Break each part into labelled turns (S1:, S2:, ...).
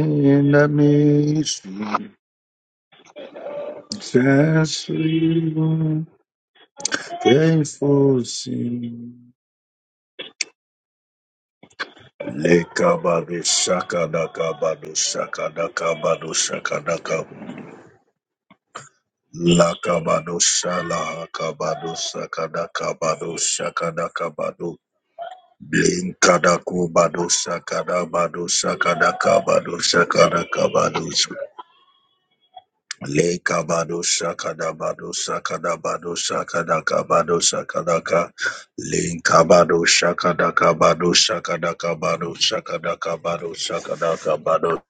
S1: In the midst, just you, faithful sin. Lekabado shakadaka bado shakadaka bado shakadaka lakabado shalahaka bado shakadaka bado shakadaka bado blinkadaku bado shakada bado shakadaka bado shakadaka bado Leka bado shakada bado shakada bado shakada kabado shakada ka linka bado shakada kabado shakada kabado shakada kabado shakada kabado.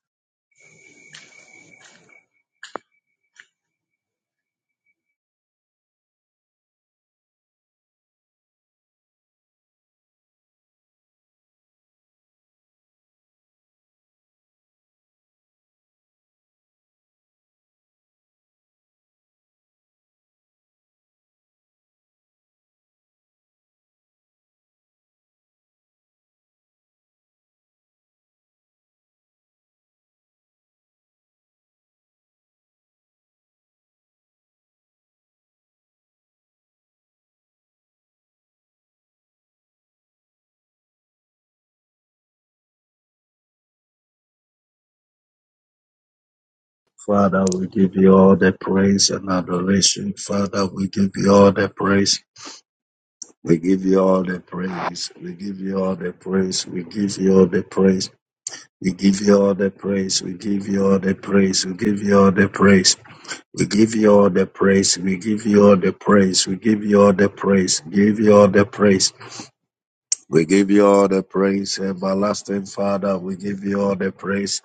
S1: Father, we give you all the praise and adoration. Father, we give you all the praise. We give you all the praise. We give you all the praise. We give you all the praise. We give you all the praise. We give you all the praise. We give you all the praise. We give you all the praise. We give you all the praise. We give you all the praise. Give you all the praise. We give you all the praise. Everlasting Father, we give you all the praise.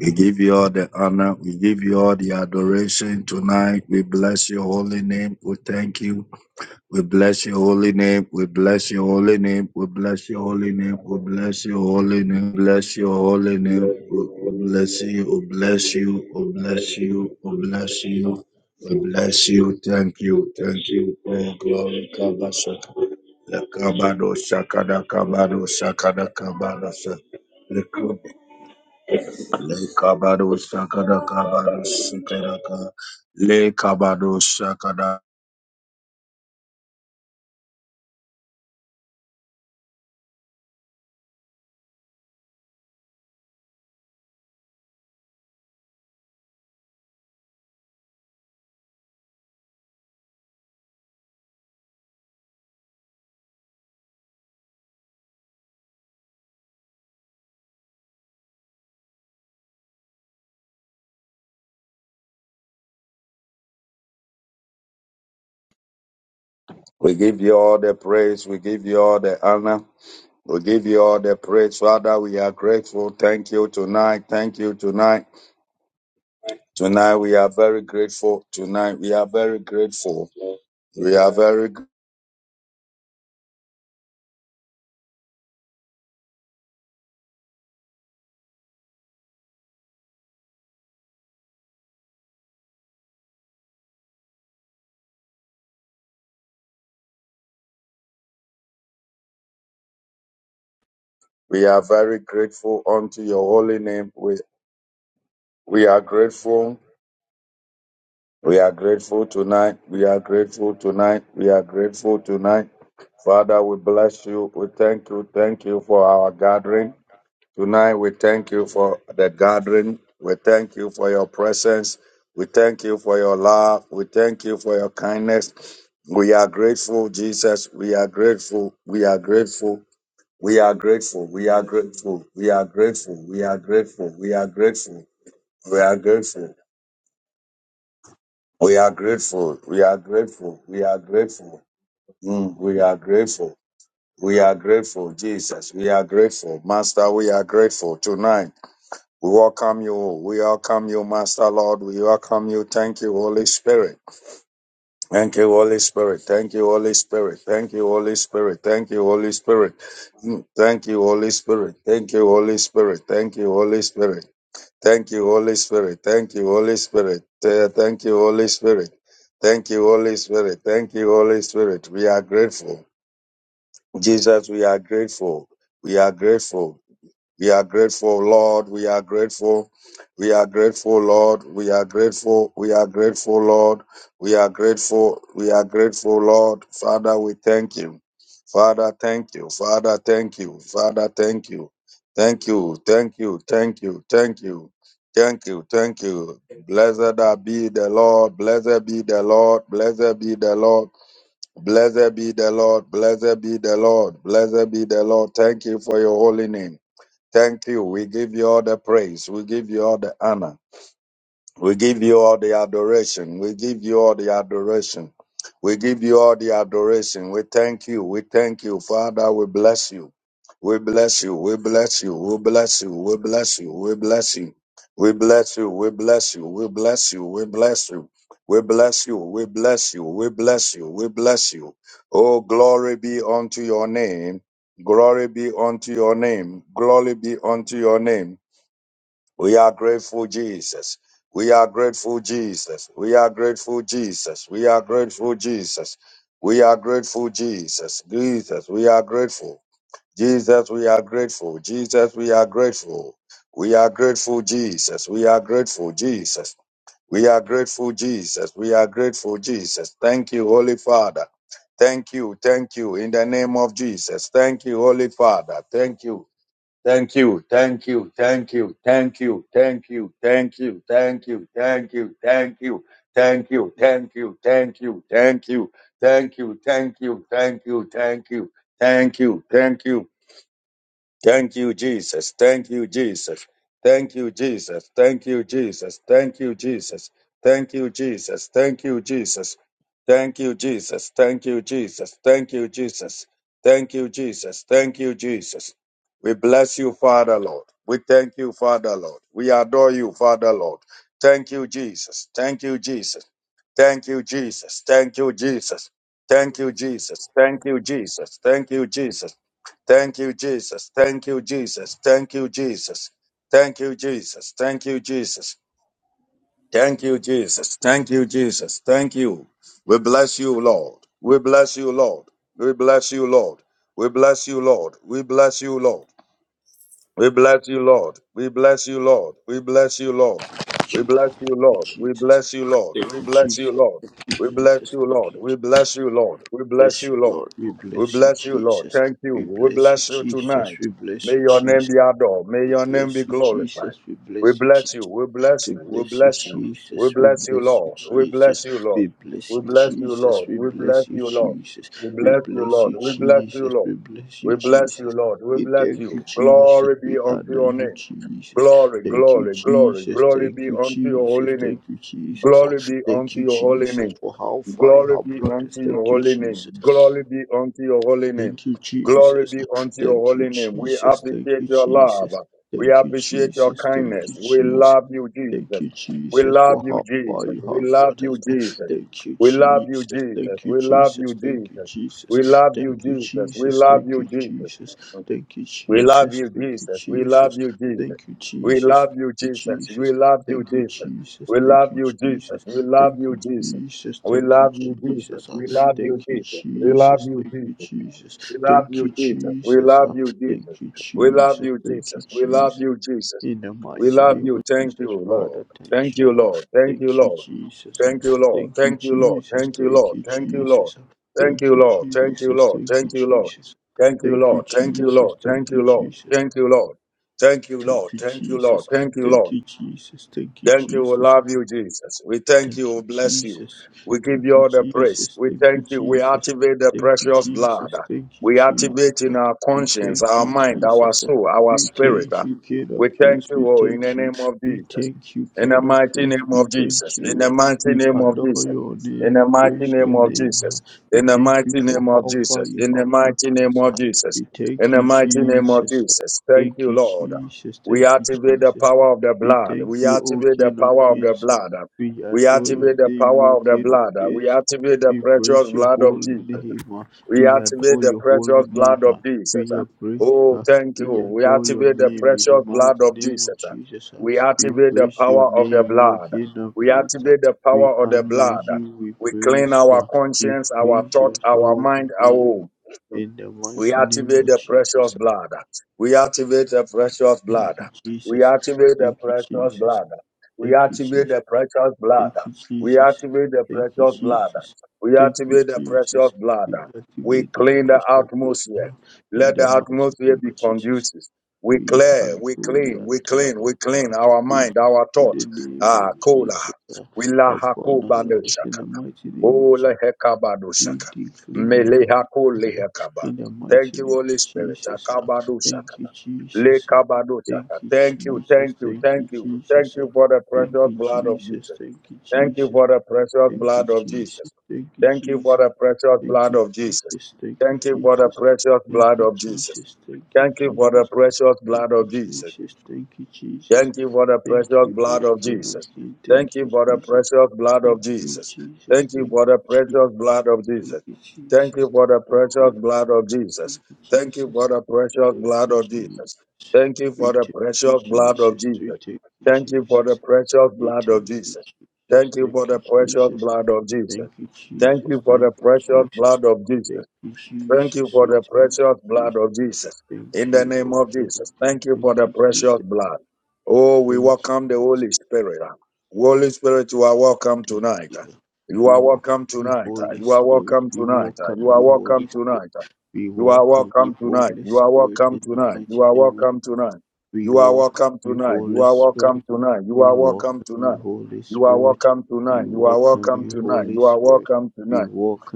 S1: We give you all the honor. We give you all the adoration tonight. We bless your holy name. We thank you. We bless your holy name. We bless your holy name. We bless your holy name. We bless your holy name. Bless your holy name. We we bless you. We bless you. We bless you. We bless you. We bless you. Thank you. Thank you. Oh glory, Kabasha. The Kabado Shakada Kabado Shakada Kabado Shakada. Le kabado shakada kabado shakada ka. Le kabado shakada We give you all the praise. We give you all the honor. We give you all the praise. Father, we are grateful. Thank you tonight. Thank you tonight. Tonight we are very grateful. Tonight we are very grateful. We are very we are very grateful unto your holy name. We we are grateful. We are grateful tonight. We are grateful tonight. We are grateful tonight. Father, we bless you. We thank you. Thank you for our gathering. Tonight, we thank you for the gathering. We thank you for your presence. We thank you for your love. We thank you for your kindness. We are grateful, Jesus. We are grateful. We are grateful. We are grateful. We are grateful. We are grateful. We are grateful. We are grateful. We are grateful. We are grateful. We are grateful. We are grateful. Mm, we are grateful. We are grateful, Jesus. We are grateful. Master, we are grateful tonight. We welcome you. We welcome you, Master Lord. We welcome you. Thank you, Holy Spirit. Thank you, Holy Spirit. Thank you, Holy Spirit. Thank you, Holy Spirit. Thank you, Holy Spirit. Mm, Thank you, Holy Spirit. Thank you, Holy Spirit. Thank you, Holy Spirit. Thank you, Holy Spirit. Thank you, Holy Spirit. Eh, Thank you, Holy Spirit. Thank you, Holy Spirit. Thank you, Holy Spirit. We are grateful. Jesus, we are grateful. We are grateful. We are grateful, Lord. We are grateful. We are grateful, Lord. We are grateful. We are grateful, Lord. We are grateful. We are grateful, Lord. Father, we thank you. Father, thank you. Father, thank you. Father, thank you. Thank you. Thank you. Thank you. Thank you. Thank you. Thank you. Blessed are be the Lord. Blessed be the Lord. Blessed be the Lord. Blessed be the Lord. Blessed be the Lord. Blessed be the Lord. Thank you for your holy name. Thank you. We give you all the praise. We give you all the honor. We give you all the adoration. We give you all the adoration. We give you all the adoration. We thank you. We thank you, Father. We bless you. We bless you. We bless you. We bless you. We bless you. We bless you. We bless you. We bless you. We bless you. We bless you. We bless you. We bless you. We bless you. We bless you. Oh, glory be unto your name. Glory be unto your name. Glory be unto your name. We are grateful, Jesus. We are grateful, Jesus. We are grateful, Jesus. We are grateful, Jesus. We are grateful, Jesus. Jesus, we are grateful. Jesus, we are grateful. Jesus, we are grateful. We are grateful, Jesus. We are grateful, Jesus. We are grateful, Jesus. We are grateful, Jesus. Thank you, Holy Father. Thank you, thank you, in the name of Jesus. Thank you, Holy Father. Thank you. Thank you, thank you, thank you, thank you, thank you, thank you, thank you, thank you, thank you, thank you, thank you, thank you, thank you, thank you, thank you, thank you, thank you, thank you, thank you, Thank you, Jesus. Thank you, Jesus. Thank you, Jesus. Thank you, Jesus. Thank you, Jesus. Thank you, Jesus. Thank you, Jesus. Thank you, Jesus. Thank you, Jesus. Thank you, Jesus. Thank you, Jesus. Thank you, Jesus. We bless you, Father Lord. We thank you, Father Lord. We adore you, Father Lord. Thank you, Jesus. Thank you, Jesus. Thank you, Jesus. Thank you, Jesus. Thank you,
S2: Jesus.
S1: Jesus. Thank you, Jesus. Thank you, Jesus. Thank you, Jesus. Thank you, Jesus. Thank you, Jesus. Thank you, Jesus. Thank you, Jesus. Thank you, Jesus. Thank you, Jesus. Thank you. We bless you, Lord. We bless you, Lord. We bless you, Lord. We bless you, Lord. We bless you, Lord. We bless you, Lord. We bless you, Lord. We bless you, Lord. We
S3: Jesus.
S1: bless you, Lord.
S3: Thank you,
S1: We
S3: Jesus.
S1: bless you, Lord.
S3: Thank
S1: We
S3: you,
S1: bless you,
S3: Jesus.
S1: Lord. We bless you,
S3: Thank
S1: Lord.
S3: you,
S1: We
S3: Jesus.
S1: bless you, Lord. We bless
S3: Bless
S1: you,
S3: you,
S1: Lord.
S3: Lord. We
S1: We
S3: bless you,
S1: bless you, Lord.
S3: Jesus.
S1: Thank you.
S3: We
S1: We
S3: bless you,
S1: bless you
S3: Jesus.
S1: tonight.
S3: We bless
S1: May
S3: you,
S1: your name
S3: Jesus.
S1: be adored. May
S3: We
S1: your name be
S3: bless you,
S1: glorified.
S3: Jesus. We
S1: We
S3: bless you, Jesus.
S1: bless you. We bless
S3: We
S1: you. We
S3: bless you,
S1: bless you. We
S3: Jesus. We
S1: bless you,
S3: bless you,
S1: Lord. We
S3: Jesus.
S1: bless you, Lord.
S3: We bless
S1: We
S3: you,
S1: bless you,
S3: Jesus.
S1: Lord.
S3: We
S1: We bless
S3: bless you,
S1: you, Lord.
S3: Jesus.
S1: We
S3: We
S1: bless you,
S3: bless
S1: Lord.
S3: you,
S1: We bless you,
S3: Jesus.
S1: Lord.
S3: We bless
S1: We
S3: you,
S1: bless you,
S3: Jesus.
S1: Lord. We
S3: We
S1: bless
S3: thank you,
S1: you.
S3: Jesus.
S1: Glory be
S3: We
S1: unto
S3: honor
S1: your
S3: you,
S1: name.
S3: Jesus.
S1: Glory,
S3: Thank you,
S1: glory, glory,
S3: Jesus.
S1: glory
S3: Thank
S1: be
S3: you,
S1: unto your
S3: Jesus.
S1: holy name.
S3: Thank you, Jesus. Ah,
S1: Glory be
S3: Thank
S1: unto
S3: you,
S1: your holy
S3: Jesus,
S1: name.
S3: for how far you
S1: Glory
S3: have
S1: be
S3: brought us.
S1: unto your
S3: Thank you,
S1: holy name.
S3: Jesus.
S1: Glory be unto your holy name.
S3: Thank you,
S1: Glory
S3: Jesus.
S1: be
S3: Ah,
S1: unto your
S3: Thank you,
S1: holy name. We
S3: Jesus. Thank
S1: appreciate
S3: you,
S1: your love.
S3: Jesus.
S1: We
S3: Thank you,
S1: appreciate your
S3: Jesus. Thank
S1: kindness.
S3: you,
S1: We
S3: Jesus.
S1: love you,
S3: Thank
S1: Jesus.
S3: you,
S1: We
S3: Jesus,
S1: love
S3: for
S1: you,
S3: how far
S1: Jesus.
S3: you
S1: We
S3: have
S1: love
S3: brought
S1: you,
S3: us.
S1: Jesus.
S3: Thank you,
S1: We love you,
S3: Jesus.
S1: Jesus.
S3: Thank you,
S1: We love you,
S3: Jesus. Thank you,
S1: Jesus.
S3: Jesus.
S1: We love you,
S3: Thank you,
S1: Jesus. We
S3: Jesus.
S1: love
S3: Thank
S1: you,
S3: you, Jesus.
S1: Jesus.
S3: Thank you,
S1: We love
S3: Jesus.
S1: you,
S3: Thank you,
S1: Jesus. We
S3: Jesus.
S1: love you, Jesus.
S3: Thank you,
S1: We
S3: Jesus.
S1: love you,
S3: Thank you,
S1: Jesus. We
S3: Jesus.
S1: love you,
S3: Thank you,
S1: Jesus.
S3: Jesus.
S1: We love
S3: Thank you,
S1: you, Jesus.
S3: Jesus.
S1: We love
S3: Thank
S1: you,
S3: you,
S1: Jesus.
S3: Jesus.
S1: We
S3: Thank you,
S1: love you, Jesus.
S3: Jesus. Ah,
S1: We love you,
S3: Thank you,
S1: Jesus. We love
S3: Jesus.
S1: you,
S3: Thank
S1: Jesus.
S3: you, Jesus.
S1: We love
S3: Thank
S1: you,
S3: you,
S1: Jesus. We
S3: Jesus.
S1: love
S3: Ah,
S1: you, Jesus.
S3: Thank you,
S1: We love
S3: Jesus.
S1: you,
S3: Thank you,
S1: Jesus. We love
S3: Jesus.
S1: you, Jesus.
S3: In the
S1: We
S3: mighty
S1: love
S3: name
S1: you.
S3: of
S1: Thank
S3: Jesus,
S1: you, Lord.
S3: Father, thank
S1: Thank you,
S3: you.
S1: Lord. Thank you,
S3: Thank you,
S1: Lord.
S3: Jesus.
S1: Thank you, Lord.
S3: Thank you,
S1: Thank you, Lord.
S3: Jesus.
S1: Thank you,
S3: Thank
S1: Lord.
S3: you,
S1: Thank you, Lord.
S3: Jesus.
S1: Thank
S3: Thank
S1: you,
S3: you,
S1: Lord. Thank
S3: Jesus. Thank you,
S1: you, Lord.
S3: Jesus.
S1: Thank you,
S3: Thank you,
S1: Lord. Thank you, Lord. Thank you, Lord.
S3: Jesus.
S1: Thank
S3: Thank you,
S1: you, Lord.
S3: Jesus.
S1: Thank you, Lord. Thank you, Lord.
S3: Thank you,
S1: Thank you, Lord.
S3: Jesus.
S1: Thank you,
S3: Thank
S1: Lord.
S3: you, Jesus. Thank you,
S1: Thank you. We
S3: Jesus.
S1: love you, Jesus. We thank
S3: Thank
S1: you. We
S3: you,
S1: bless you.
S3: Jesus.
S1: We
S3: Thank
S1: give you
S3: you,
S1: all the praise.
S3: Jesus.
S1: We
S3: Thank you,
S1: thank you. We
S3: Jesus.
S1: activate the
S3: Thank you,
S1: precious blood.
S3: Jesus. Thank you,
S1: We
S3: Jesus.
S1: activate in
S3: Uh,
S1: our
S3: We
S1: conscience,
S3: thank
S1: our
S3: you,
S1: mind, our
S3: Jesus. Uh,
S1: soul, our
S3: We
S1: spirit.
S3: thank you, King
S1: We
S3: of
S1: thank
S3: Kings. We
S1: you oh, in the
S3: thank you.
S1: name of
S3: We
S1: Jesus.
S3: thank you,
S1: In the
S3: King of
S1: mighty
S3: Kings.
S1: name
S3: We
S1: of
S3: thank
S1: Jesus. In
S3: you.
S1: the
S3: Uh,
S1: mighty
S3: We
S1: name of
S3: adore
S1: Jesus.
S3: your name.
S1: In the
S3: We
S1: mighty
S3: praise
S1: name
S3: your
S1: of
S3: name. Uh,
S1: Jesus.
S3: We
S1: In the
S3: thank you
S1: mighty
S3: for
S1: name of
S3: how far
S1: Jesus.
S3: you
S1: In the
S3: have brought
S1: mighty name
S3: us.
S1: of
S3: Uh,
S1: Jesus.
S3: We
S1: In
S3: thank
S1: the
S3: you,
S1: mighty name of
S3: Jesus. Uh,
S1: Jesus. Thank
S3: Thank
S1: you,
S3: you,
S1: Lord.
S3: Jesus.
S1: We
S3: Thank you,
S1: activate the
S3: Jesus. Uh,
S1: power of the
S3: We
S1: blood.
S3: thank
S1: We
S3: you, O
S1: activate the
S3: King of
S1: power of the
S3: Kings.
S1: blood.
S3: We
S1: We
S3: adore your
S1: activate the
S3: name, O
S1: power of the
S3: King of
S1: blood. We
S3: Kings.
S1: activate the
S3: We
S1: precious
S3: praise your
S1: blood of
S3: holy
S1: Jesus.
S3: name. ah.
S1: We
S3: We
S1: activate
S3: adore
S1: the
S3: your holy
S1: precious
S3: name.
S1: blood of
S3: ah. We
S1: Jesus.
S3: praise,
S1: Oh,
S3: ah.
S1: thank you.
S3: we
S1: We
S3: adore your
S1: activate the
S3: name in the
S1: precious blood
S3: mighty
S1: of
S3: name of
S1: Jesus.
S3: Jesus. ah.
S1: We
S3: We
S1: activate the
S3: praise your
S1: power of the
S3: name, O
S1: blood.
S3: King of
S1: We
S3: Kings. ah.
S1: activate the
S3: We
S1: power of the
S3: honor
S1: blood.
S3: you. We
S1: We clean
S3: praise
S1: our
S3: you. We
S1: conscience, our
S3: praise
S1: thought,
S3: your
S1: our
S3: holy
S1: mind, our home.
S3: name in the
S1: We
S3: mighty name
S1: activate
S3: of
S1: the precious
S3: Jesus. ah.
S1: blood. We activate the precious blood.
S3: Thank you,
S1: We
S3: Jesus.
S1: activate the
S3: Thank you,
S1: precious
S3: Jesus.
S1: blood. We
S3: Thank you, Jesus.
S1: activate the precious blood.
S3: Thank you,
S1: We
S3: Jesus.
S1: activate the
S3: Thank you,
S1: precious blood.
S3: Jesus.
S1: We
S3: Thank you,
S1: activate the precious
S3: Jesus.
S1: blood.
S3: We
S1: We
S3: activate the
S1: clean the
S3: fresh of blood
S1: atmosphere.
S3: uh, in
S1: Let
S3: the
S1: the
S3: mighty
S1: atmosphere
S3: name
S1: be
S3: of Jesus.
S1: conducive. We
S3: We
S1: clear,
S3: hand
S1: we
S3: holy
S1: clean,
S3: and
S1: we clean,
S3: terrible
S1: we clean
S3: power.
S1: our
S3: We in
S1: mind, our thought.
S3: the name
S1: Ah,
S3: of
S1: cola.
S3: Jesus uh,
S1: We la
S3: upon our lives in the mighty name of Jesus.
S1: Ola
S3: We
S1: hekabadusaka.
S3: decree and we
S1: Melehako
S3: declare
S1: lehekaba.
S3: in the
S1: Thank
S3: mighty
S1: you,
S3: name
S1: Holy
S3: of
S1: Spirit.
S3: Jesus. uh, Thank you,
S1: Akabadusakaba.
S3: Jesus. uh, Thank
S1: Lekabadusaka.
S3: you,
S1: Thank you,
S3: Jesus.
S1: thank you,
S3: Thank you,
S1: thank you. Thank
S3: Jesus. uh,
S1: you for the
S3: Thank
S1: precious
S3: you,
S1: blood of
S3: Jesus.
S1: Jesus.
S3: Thank you,
S1: Thank you
S3: Jesus.
S1: for the precious
S3: Thank you,
S1: blood of
S3: Jesus.
S1: Jesus.
S3: Thank you,
S1: Thank you for
S3: Jesus.
S1: the precious
S3: Thank
S1: blood
S3: you,
S1: of Jesus.
S3: Jesus. Thank you,
S1: Thank you for the
S3: Jesus.
S1: precious
S3: Thank
S1: blood
S3: you,
S1: of Jesus.
S3: Jesus. Thank you,
S1: Thank you for the
S3: Jesus.
S1: precious
S3: Thank
S1: blood
S3: you,
S1: of Jesus.
S3: Jesus. Thank you, Jesus.
S1: Thank you for the
S3: Thank
S1: precious
S3: you,
S1: blood
S3: O
S1: of
S3: King
S1: Jesus.
S3: Thank
S1: Thank you
S3: you,
S1: for the
S3: Jesus.
S1: precious blood of
S3: Thank you,
S1: Jesus.
S3: Jesus.
S1: Thank you
S3: Thank
S1: for the
S3: you,
S1: precious blood of Jesus. Thank you
S3: Jesus.
S1: for the
S3: Thank
S1: precious
S3: you, Jesus.
S1: blood of Jesus.
S3: Thank you,
S1: Thank you
S3: Jesus.
S1: for the precious
S3: Thank
S1: blood
S3: you,
S1: of Jesus.
S3: Jesus.
S1: Thank you
S3: Thank you, Jesus.
S1: for
S3: We
S1: the
S3: thank you,
S1: precious blood of
S3: Jesus. We
S1: Jesus.
S3: thank you,
S1: Thank you for the
S3: Jesus.
S1: precious
S3: We
S1: blood
S3: thank
S1: of
S3: you,
S1: Jesus.
S3: Jesus.
S1: Thank you for
S3: Thank
S1: the
S3: you,
S1: precious
S3: Jesus.
S1: blood of Jesus.
S3: Thank you,
S1: Thank
S3: Jesus.
S1: you for
S3: Thank
S1: the
S3: you,
S1: precious
S3: Jesus.
S1: blood of Jesus.
S3: Thank you,
S1: Thank you
S3: Jesus.
S1: for
S3: We
S1: the
S3: thank you,
S1: precious
S3: Jesus.
S1: blood of Jesus. In
S3: Thank
S1: the
S3: you,
S1: name
S3: Oh,
S1: of
S3: King of
S1: Jesus,
S3: Kings.
S1: thank you
S3: Thank
S1: for the
S3: you,
S1: precious
S3: Jesus.
S1: blood. Oh, we
S3: Thank
S1: welcome the
S3: you, Jesus.
S1: Holy Spirit. Holy Spirit, you are welcome
S3: Thank
S1: tonight.
S3: you.
S1: You
S3: We
S1: are
S3: welcome
S1: welcome
S3: you,
S1: tonight.
S3: Holy
S1: You are
S3: Spirit.
S1: welcome
S3: We
S1: tonight. You
S3: welcome
S1: are
S3: you,
S1: welcome
S3: Holy Spirit.
S1: tonight.
S3: We
S1: You are
S3: welcome
S1: welcome
S3: you,
S1: tonight.
S3: Holy
S1: You are
S3: Spirit, in
S1: welcome
S3: the
S1: tonight. You
S3: mighty
S1: are
S3: name of Jesus.
S1: welcome tonight.
S3: We
S1: You are
S3: welcome
S1: welcome
S3: you,
S1: tonight. You
S3: Holy
S1: are
S3: Spirit,
S1: welcome tonight. You
S3: We
S1: are
S3: welcome
S1: welcome
S3: you,
S1: tonight.
S3: Holy
S1: You are
S3: Spirit.
S1: welcome tonight.
S3: We
S1: You are
S3: welcome
S1: welcome
S3: you,
S1: tonight.
S3: Holy
S1: You are
S3: Spirit.
S1: welcome tonight.
S3: We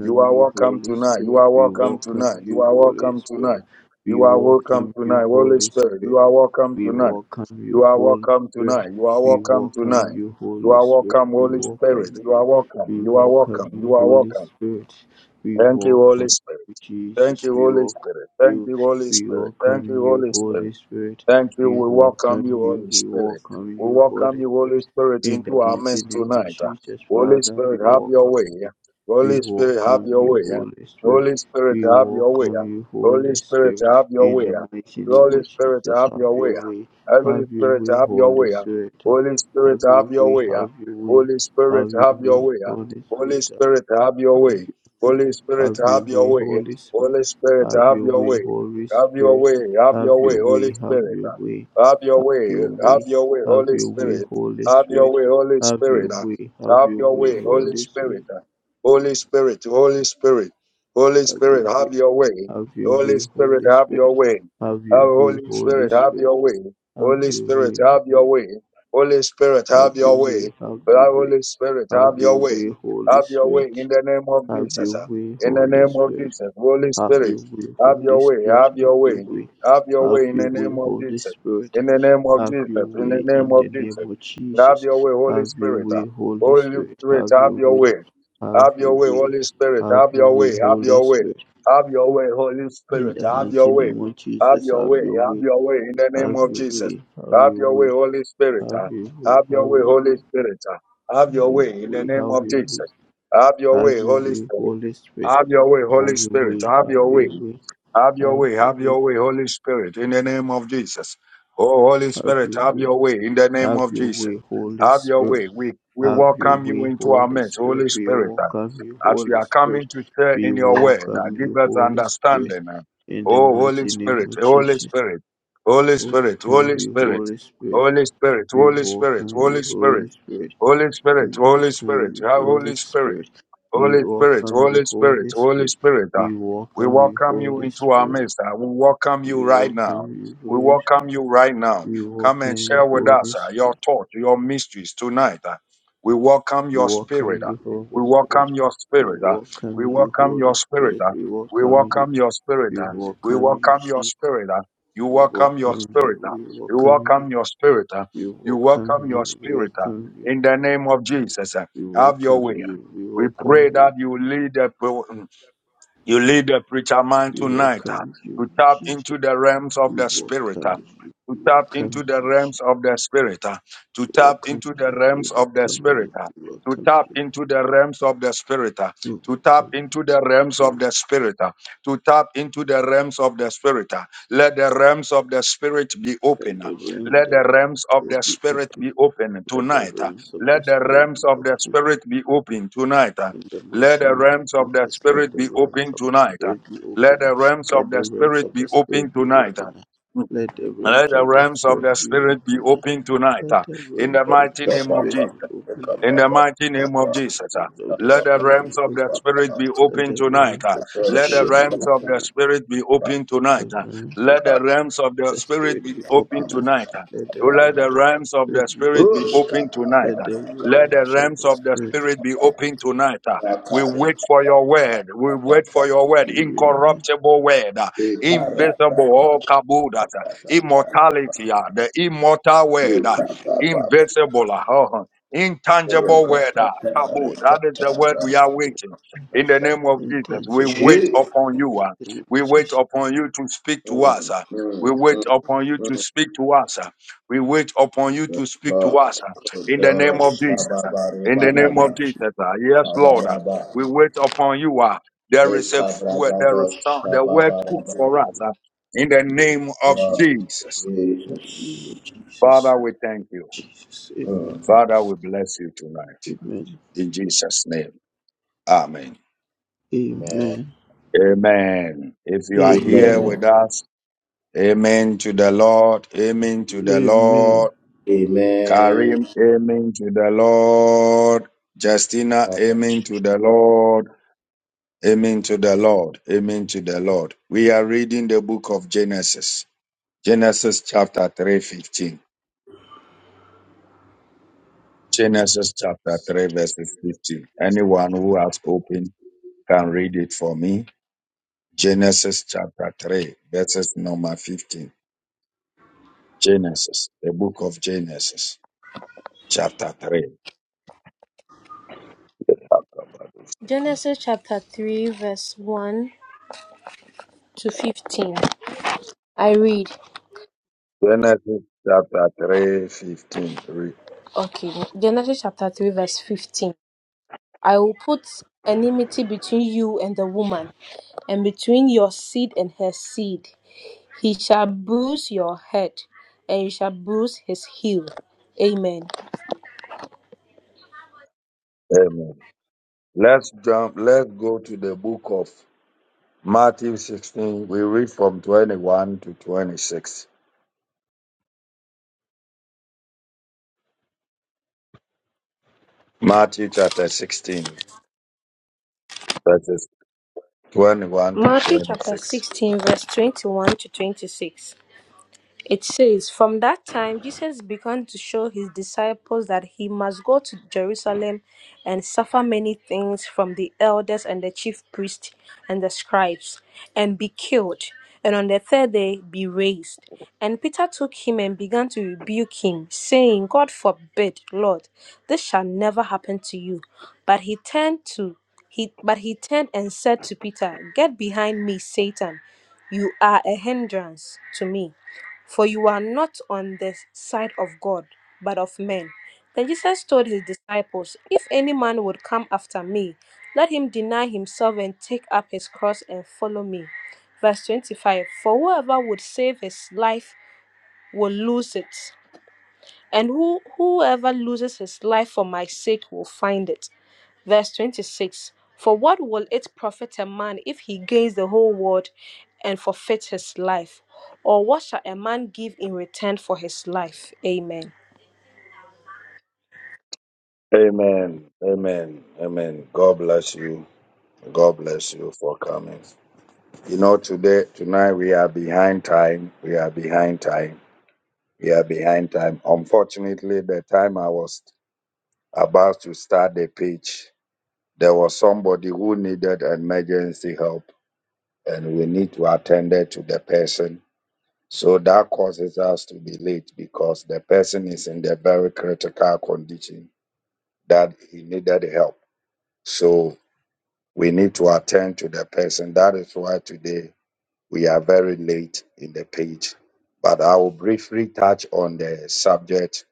S1: You are
S3: you,
S1: welcome
S3: Holy
S1: tonight. You
S3: Spirit.
S1: are
S3: We
S1: welcome
S3: welcome
S1: tonight. You
S3: you,
S1: are
S3: Holy
S1: welcome tonight.
S3: Spirit.
S1: You
S3: We
S1: are welcome
S3: welcome
S1: tonight.
S3: you,
S1: Holy
S3: Holy
S1: Spirit, you
S3: Spirit.
S1: are welcome
S3: We
S1: tonight.
S3: welcome
S1: You
S3: you,
S1: are
S3: Holy
S1: welcome
S3: Spirit.
S1: tonight. You are
S3: We
S1: welcome
S3: welcome
S1: tonight.
S3: you,
S1: You
S3: Holy
S1: are
S3: Spirit.
S1: welcome,
S3: We
S1: Holy
S3: welcome
S1: Spirit. You are
S3: you.
S1: welcome.
S3: We
S1: You are
S3: welcome
S1: welcome.
S3: you,
S1: You are
S3: Holy
S1: welcome.
S3: Spirit. We
S1: Thank you, Holy
S3: welcome
S1: Spirit.
S3: you,
S1: Thank
S3: Jesus.
S1: you,
S3: We
S1: Holy
S3: welcome
S1: Spirit. Thank
S3: you.
S1: you, Holy
S3: We
S1: Spirit. Thank you,
S3: welcome you,
S1: Holy Spirit.
S3: Holy Spirit.
S1: Thank you.
S3: We
S1: We welcome
S3: welcome
S1: you,
S3: you.
S1: Holy
S3: We
S1: Spirit.
S3: welcome
S1: We
S3: you,
S1: welcome
S3: Holy
S1: you, Holy
S3: Spirit.
S1: Spirit,
S3: In the
S1: into our
S3: mighty
S1: midst
S3: name of
S1: tonight.
S3: Jesus,
S1: Holy
S3: Father,
S1: Spirit,
S3: we
S1: have your
S3: welcome
S1: way.
S3: you. We
S1: Holy Spirit, have
S3: welcome
S1: your
S3: you,
S1: way.
S3: Holy Spirit.
S1: Holy Spirit,
S3: We
S1: have your way.
S3: welcome you,
S1: Holy
S3: Holy
S1: Spirit,
S3: Spirit.
S1: have your
S3: In
S1: way.
S3: the mighty name
S1: Holy
S3: of
S1: Spirit,
S3: Jesus,
S1: have
S3: have
S1: your
S3: your
S1: way.
S3: way,
S1: Holy
S3: have your
S1: Spirit,
S3: way,
S1: have your
S3: Holy
S1: way.
S3: Spirit. uh,
S1: Holy Spirit,
S3: Have your
S1: have your
S3: way,
S1: way.
S3: have your way,
S1: Holy Spirit,
S3: have your
S1: have your
S3: way,
S1: way.
S3: Holy
S1: Holy
S3: Spirit. uh,
S1: Spirit, have your
S3: Have
S1: way.
S3: your way,
S1: Holy Spirit,
S3: have your
S1: have
S3: way,
S1: your way.
S3: Holy Spirit.
S1: Holy Spirit,
S3: Have
S1: have
S3: your
S1: your
S3: way,
S1: way.
S3: Holy
S1: Have your
S3: Spirit.
S1: way. Have
S3: Have
S1: your way,
S3: your
S1: Holy
S3: way, have
S1: Spirit.
S3: your way,
S1: Have your
S3: have
S1: way.
S3: your
S1: Have
S3: way,
S1: your way,
S3: have
S1: Holy
S3: your way,
S1: Spirit.
S3: Holy
S1: Have your
S3: Spirit.
S1: way, Holy
S3: Have your
S1: Spirit.
S3: way, have
S1: Have
S3: your
S1: your
S3: way,
S1: way, Holy
S3: Holy
S1: Spirit.
S3: Spirit.
S1: Holy Spirit, Holy Spirit, Holy
S3: Have your
S1: Spirit,
S3: way,
S1: have your way.
S3: have your
S1: Holy
S3: way,
S1: Spirit,
S3: Holy
S1: have
S3: Spirit.
S1: your way.
S3: Have your
S1: Oh,
S3: way,
S1: Holy
S3: Holy
S1: Spirit, have
S3: Spirit.
S1: your way.
S3: Have
S1: Holy
S3: your
S1: Spirit,
S3: way,
S1: have your
S3: Holy-
S1: way. Holy Spirit,
S3: have
S1: have
S3: your
S1: your way.
S3: way, have your
S1: Oh,
S3: way,
S1: Holy Spirit, have
S3: have your
S1: your way.
S3: way, Holy
S1: Have your way in
S3: Spirit.
S1: the name of
S3: Have your
S1: Jesus.
S3: way,
S1: In the
S3: Holy
S1: name of
S3: Spirit.
S1: Jesus, Holy
S3: Have
S1: Spirit.
S3: your way,
S1: Have your
S3: Holy
S1: way.
S3: Spirit.
S1: Have
S3: Have
S1: your
S3: your
S1: way.
S3: way,
S1: Have your
S3: have
S1: way in
S3: your
S1: the
S3: way,
S1: name of
S3: Holy
S1: Jesus.
S3: Spirit.
S1: In the name of
S3: Have your
S1: Jesus. In the
S3: way
S1: name
S3: in the
S1: of Jesus.
S3: name of
S1: Have
S3: Jesus.
S1: your way, Holy
S3: Have your
S1: Spirit.
S3: way,
S1: uh,
S3: Holy
S1: Holy
S3: Spirit.
S1: Spirit,
S3: Have
S1: have
S3: your
S1: your way.
S3: way, have
S1: Have your
S3: your
S1: way,
S3: way,
S1: Holy Spirit.
S3: have
S1: Have
S3: your
S1: your way.
S3: way,
S1: Have
S3: Holy
S1: your way.
S3: Spirit.
S1: Have your way, Holy
S3: In
S1: Spirit.
S3: the
S1: Have
S3: mighty
S1: your way.
S3: name of
S1: Have
S3: Jesus,
S1: your
S3: have
S1: way.
S3: your
S1: Have
S3: way,
S1: your way in the name
S3: have
S1: of
S3: your
S1: Jesus.
S3: way, have
S1: Have
S3: your
S1: your way,
S3: way,
S1: Holy Spirit.
S3: have
S1: uh,
S3: your way,
S1: Have your
S3: have
S1: way,
S3: your
S1: Holy
S3: way.
S1: Spirit. uh, Have your way in the
S3: We
S1: name
S3: have
S1: of
S3: your way,
S1: Jesus. Have your
S3: have
S1: way,
S3: your
S1: Holy
S3: way,
S1: Spirit.
S3: Holy Spirit.
S1: Have your way, Holy
S3: Have your
S1: Spirit.
S3: way,
S1: Have
S3: have
S1: your way.
S3: your way,
S1: Have your
S3: have
S1: way,
S3: your
S1: have
S3: way,
S1: your way, Holy Spirit, in the name of Jesus. Oh, Holy
S3: have
S1: Spirit,
S3: your
S1: have
S3: way,
S1: your way, in the name
S3: have
S1: of
S3: your
S1: Jesus.
S3: way, Holy
S1: Have your
S3: Spirit.
S1: way. We, we
S3: Have your
S1: welcome you
S3: way,
S1: into our
S3: Holy
S1: midst,
S3: Spirit.
S1: Holy
S3: We
S1: Spirit, uh,
S3: welcome you,
S1: as we
S3: Holy
S1: are
S3: Spirit.
S1: coming to share
S3: We
S1: in your word. Uh,
S3: welcome
S1: give
S3: you,
S1: us
S3: Holy Spirit.
S1: understanding. uh.
S3: In the
S1: oh, Holy
S3: mighty name
S1: Spirit,
S3: of
S1: Holy
S3: Jesus,
S1: Spirit, Holy Spirit,
S3: welcome
S1: Holy
S3: you,
S1: Spirit,
S3: Holy Spirit.
S1: Holy Spirit,
S3: We
S1: Holy Spirit,
S3: welcome
S1: Holy
S3: you,
S1: Spirit,
S3: Holy Spirit.
S1: Holy
S3: We
S1: Spirit, Holy
S3: welcome
S1: Spirit,
S3: you,
S1: uh,
S3: Holy
S1: Holy Spirit,
S3: Spirit. We
S1: Holy Spirit,
S3: welcome
S1: Holy
S3: you,
S1: Spirit,
S3: Holy
S1: Holy
S3: Spirit.
S1: Spirit, uh,
S3: We
S1: we
S3: welcome you,
S1: welcome you
S3: Holy
S1: into our
S3: Spirit.
S1: midst. uh, we welcome
S3: We
S1: you right now.
S3: welcome you,
S1: We
S3: Holy Spirit.
S1: welcome you right now.
S3: We
S1: Come and
S3: welcome you,
S1: share with us
S3: Holy
S1: uh, your
S3: Spirit.
S1: thoughts, your mysteries tonight. uh. we welcome
S3: We
S1: your
S3: welcome
S1: spirit. uh,
S3: you,
S1: we
S3: Holy Spirit.
S1: welcome your
S3: We
S1: spirit. uh, we
S3: welcome you,
S1: welcome
S3: Holy
S1: your spirit.
S3: Spirit.
S1: uh,
S3: We
S1: we
S3: welcome you.
S1: welcome your spirit.
S3: We
S1: uh, we
S3: welcome you,
S1: welcome your
S3: Jesus.
S1: spirit. uh, you
S3: We
S1: welcome your
S3: welcome you.
S1: spirit. uh,
S3: We
S1: you
S3: welcome you.
S1: welcome your spirit. uh,
S3: We
S1: you
S3: welcome
S1: welcome your
S3: you. We
S1: spirit. uh,
S3: welcome you.
S1: in the name of Jesus, uh,
S3: We
S1: have your
S3: welcome
S1: way. uh.
S3: you. We
S1: We pray
S3: welcome you.
S1: that you lead the pre- you lead the preacher man
S3: We
S1: tonight uh,
S3: welcome
S1: to
S3: you,
S1: tap
S3: Jesus.
S1: into the realms of
S3: We
S1: the spirit, uh,
S3: welcome you.
S1: to
S3: We
S1: tap into
S3: welcome
S1: the
S3: you.
S1: realms of the spirit, uh, to
S3: We
S1: tap
S3: welcome
S1: into the
S3: you.
S1: realms
S3: We
S1: of the
S3: welcome
S1: spirit,
S3: you.
S1: uh,
S3: We
S1: to
S3: welcome
S1: tap
S3: you.
S1: into the realms of the spirit, uh,
S3: We
S1: to tap
S3: welcome
S1: into the realms of
S3: you.
S1: the spirit, uh, to tap into the realms of the spirit. uh. Let the realms of the spirit be
S3: Let
S1: open. uh.
S3: the realms
S1: Let
S3: of
S1: the
S3: the
S1: realms of the
S3: spirit be open.
S1: spirit be open
S3: Let the
S1: tonight. uh.
S3: realms of the
S1: Let the
S3: spirit
S1: realms
S3: be
S1: of the
S3: open.
S1: spirit be open tonight. uh,
S3: In the
S1: let
S3: mighty
S1: the
S3: name of
S1: realms of the
S3: Jesus, let
S1: spirit
S3: the
S1: be
S3: realms
S1: open
S3: of the
S1: tonight. uh.
S3: spirit be
S1: Let
S3: open.
S1: the realms of
S3: Let
S1: the
S3: the realms
S1: spirit
S3: of
S1: be
S3: the
S1: open
S3: spirit be
S1: tonight. uh.
S3: open. Let the
S1: Let
S3: realms
S1: the
S3: of the
S1: realms of the
S3: spirit be
S1: spirit be
S3: open.
S1: open tonight.
S3: Let
S1: uh,
S3: the
S1: In the
S3: realms
S4: Lord,
S3: of
S1: mighty
S3: the
S1: name of
S3: spirit
S1: Jesus.
S3: be open.
S1: In
S4: Kodoro
S1: the mighty
S3: Let
S1: name
S3: the
S1: of
S3: realms
S1: Jesus, ah,
S3: of the
S1: let the
S3: spirit be
S1: realms of
S3: open.
S1: the Spirit be
S3: Let
S1: open
S3: the
S1: tonight.
S3: realms
S1: ah.
S3: of the
S1: Let the
S3: spirit be
S1: realms of the
S3: open.
S1: Spirit be open tonight.
S3: Let the
S1: ah.
S3: realms of
S1: Let the realms of the
S3: the
S1: Spirit
S3: spirit
S1: be
S3: be
S1: open
S3: open.
S1: tonight. ah.
S3: Let the
S1: To Let the
S3: realms of the
S1: realms of the
S3: spirit be
S1: Spirit be
S3: open.
S1: open tonight.
S3: Let
S1: ah.
S3: the
S1: Let the
S3: realms of
S1: realms
S3: the
S1: of the
S3: spirit
S1: Spirit be
S3: be
S1: open tonight. ah. We wait for your word. We wait for your word.
S3: open.
S1: Incorruptible word. ah. Invisible. Oh, kabudas. Immortality. ah. The immortal word. ah. Invisible. ah. Oh, Intangible word, ah, taboo. That is the word we are waiting. In the name of Jesus,
S3: Intense
S1: we
S3: over
S1: wait upon
S3: the
S1: you. ah.
S3: mighty name
S1: We
S3: of
S1: wait
S3: Jesus.
S1: upon you to speak to us. ah. We wait upon you to speak to us. ah. We wait upon you to speak to us. ah. In the name of Jesus. ah.
S4: Sababa
S1: In
S3: In
S1: the
S3: the
S1: name
S3: name
S1: of
S3: of
S4: Ribadaba,
S3: Jesus.
S1: Jesus. ah. Yes, Lord. ah.
S4: Kabaraba,
S1: We wait upon you. ah. There is a f- word, there is some, the word
S3: In
S1: cooked
S4: Lekabragadoshkababaraba.
S3: the
S1: for
S3: name
S1: us. ah. In the
S3: of
S1: name of
S3: Jesus.
S4: Lord
S1: Jesus.
S3: In
S4: Jesus.
S3: the name of Jesus.
S1: Father, we thank you.
S3: Jesus. Amen.
S4: Mm.
S1: Father, we bless you tonight
S3: Amen.
S1: in Jesus' name. Amen.
S4: Amen.
S3: Amen.
S1: Amen. If you are here
S3: Amen.
S4: Amen.
S1: with us, amen to the Lord. Amen to the
S3: Amen.
S1: Lord. Karim, amen to the Lord. Justina, amen to the
S4: Amen.
S1: Lord. Amen to the Lord. Amen to the Lord. We are reading the book of Genesis. Genesis chapter 3, 15. Genesis chapter 3, verses 15. Anyone who has opened can read it for me. Genesis chapter 3, verses number 15. Genesis, the book of Genesis, chapter 3. Okay.
S5: Genesis chapter 3, verse 1 to 15. I read,
S1: Genesis chapter 3, 15. Read.
S5: okay, Genesis chapter 3, verse 15. I will put enmity between you and the woman, and between your seed and her seed. He shall bruise your head, and you shall bruise his heel. Amen.
S1: Amen. Let's jump, let's go to the book of Matthew 16. We read from 21 to 26. Matthew chapter 16, verses 21 to
S5: Matthew chapter
S1: 26.
S5: 16, verse 21 to 26. It says, From that time, Jesus began to show his disciples that he must go to Jerusalem and suffer many things from the elders and the chief priests and the scribes, and be killed, and on the third day be raised. And Peter took him and began to rebuke him, saying, God forbid, Lord, this shall never happen to you. But he turned to he but he turned and said to Peter, Get behind me, Satan. You are a hindrance to me for you are not on the side of God, but of men. Then Jesus told his disciples, If any man would come after me, let him deny himself and take up his cross and follow me. Verse 25 For whoever would save his life will lose it, and who, whoever loses his life for my sake will find it. Verse 26 For what will it profit a man if he gains the whole world and forfeit his life? Or what shall a man give in return for his life? Amen.
S1: Amen. Amen. Amen. God bless you. God bless you for coming. You know, today, tonight we are behind time. We are behind time. We are behind time. Unfortunately, the time I was about to start the pitch, there was somebody who needed emergency help, and we need to attend it to the person. So that causes us to be late because the person is in the very critical condition that he needed help. So we need to attend to the person. That is why today We are very late in the page, but I will briefly touch on the subject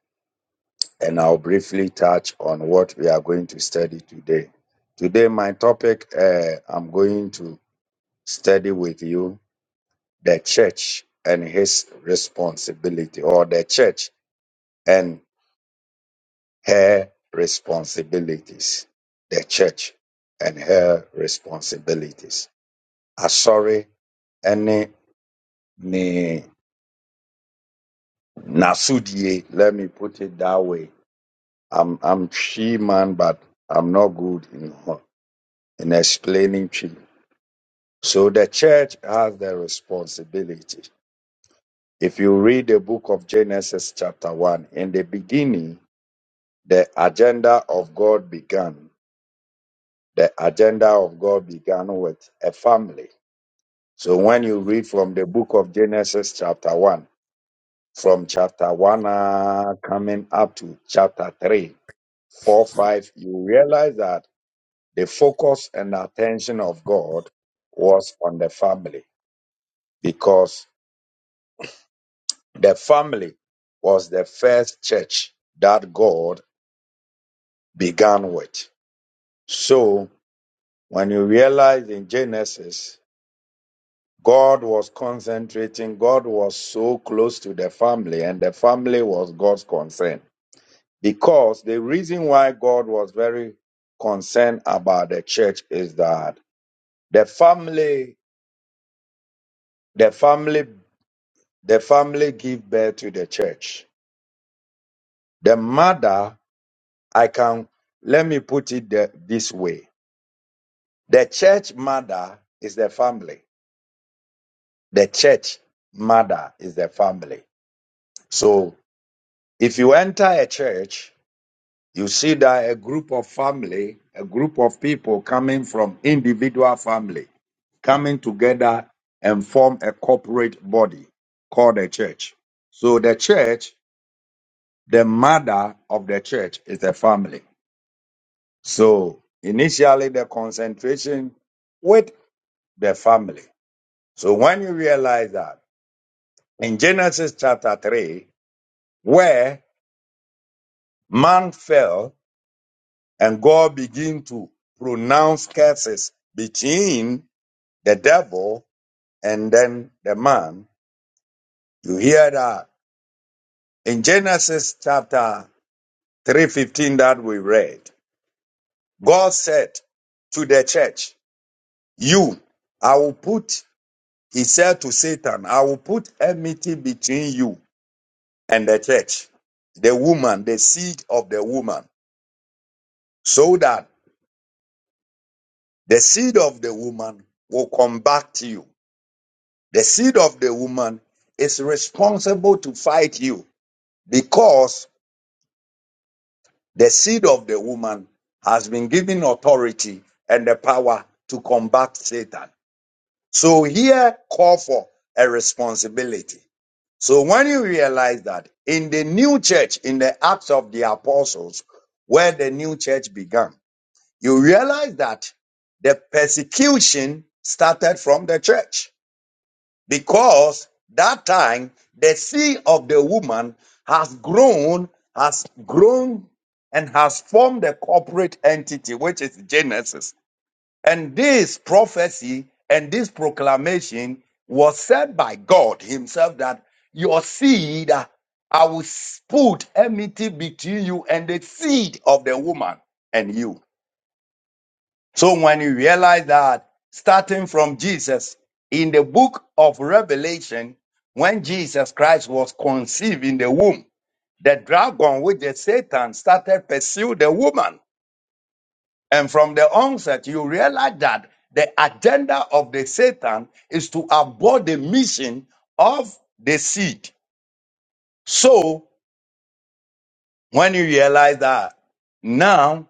S1: and I'll briefly touch on what we are going to study today. Today, my topic uh, I'm going to study with you the church and his responsibility, or the church and her responsibilities. The church and her responsibilities. Asori, any Nasudie, let me put it that way. I'm I'm tree man, but I'm not good in in explaining tree. So the church has the responsibility. If you read the book of Genesis chapter one, in the beginning, the agenda of God began. The agenda of God began with a family. So when you read from the book of Genesis chapter one, from chapter one uh, coming up to chapter three, 4 5, you realize that the focus and attention of God was on the family because the family was the first church that God began with. So when you realize in Genesis, God was concentrating, God was so close to the family, and the family was God's concern. Because the reason why God was very concerned about the church is that the family The family, the family give birth to the church. The mother, I can, let me put it the- this way. The church mother is the family. The church mother is the family. So if you enter a church, you see that a group of family, a group of people coming from individual family, coming together and form a corporate body called a church. So the church the mother of the church is the family. So initially the concentration with the family. So when you realize that in Genesis chapter 3, where man fell and God began to pronounce curses between the devil and then the man, you hear that in Genesis chapter 3:15 that we read, God said to the church, You, I will put, he said to Satan, I will put enmity between you and the church, the woman, the seed of the woman, so that the seed of the woman will come back to you. The seed of the woman is responsible to fight you because the seed of the woman has been given authority and the power to combat Satan. So here, call for a responsibility. So when you realize that in the new church, in the Acts of the Apostles, where the new church began, you realize that the persecution started from the church because that time the seed of the woman has grown, has grown and has formed a corporate entity, which is Genesis. And this prophecy and this proclamation was said by God Himself that your seed, uh, I will put enmity between you and the seed of the woman and you. So when you realize that, starting from Jesus, in the book of Revelation, when Jesus Christ was conceived in the womb, the dragon, which is Satan, started pursue the woman and from the onset, you realize that the agenda of the Satan is to abort the mission of the seed. So when you realize that, now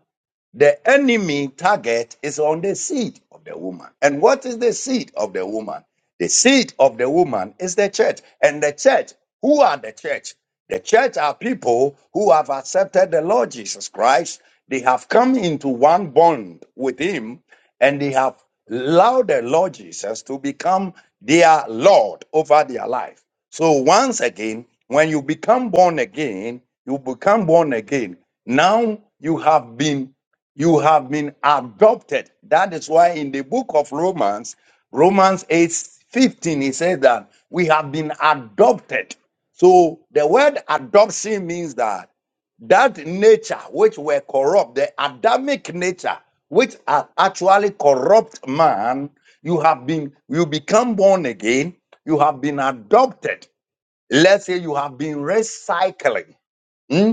S1: the enemy target is on the seed of the woman. And what is the seed of the woman? The seed of the woman is the church. And the church, who are the church? The church are people who have accepted the Lord Jesus Christ. They have come into one bond with Him and they have allowed the Lord Jesus to become their Lord over their life. So, once again, when you become born again, you become born again. Now you have been you have been adopted. That is why in the book of Romans, Romans eight fifteen, 15, he says that we have been adopted. So the word adoption means that that nature which were corrupt, the Adamic nature, which are actually corrupt man, you have been, you become born again, you have been adopted. Let's say you have been recycling. Hmm?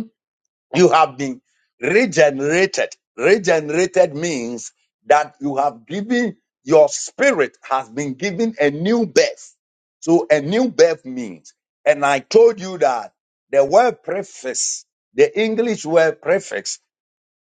S1: You have been regenerated. Regenerated means that you have given, your spirit has been given a new birth. So a new birth means, and I told you that the word prefix, the English word prefix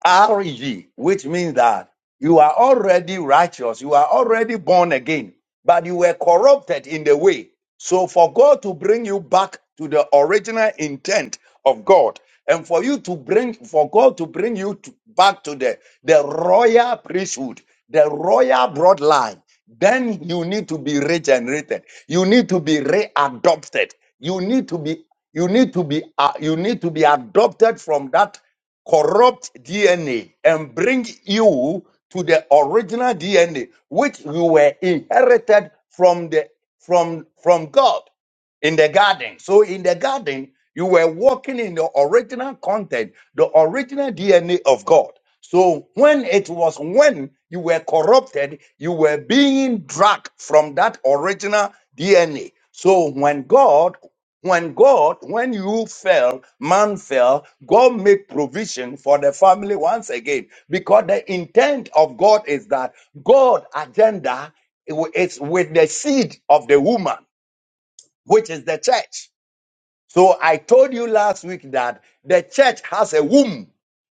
S1: RG, which means that you are already righteous, you are already born again, but you were corrupted in the way. So, for God to bring you back to the original intent of God, and for you to bring, for God to bring you to- back to the, the royal priesthood, the royal bloodline, then you need to be regenerated. You need to be readopted. You need to be, you need to be, uh, you need to be adopted from that corrupt DNA and bring you to the original DNA which we were inherited from the from from God in the garden. So in the garden you were walking in the original content, the original DNA of God. So when it was when you were corrupted, you were being dragged from that original DNA. So when God when God, when you fell, man fell, God make provision for the family once again. Because the intent of God is that God agenda is with the seed of the woman, which is the church. So I told you last week that the church has a womb.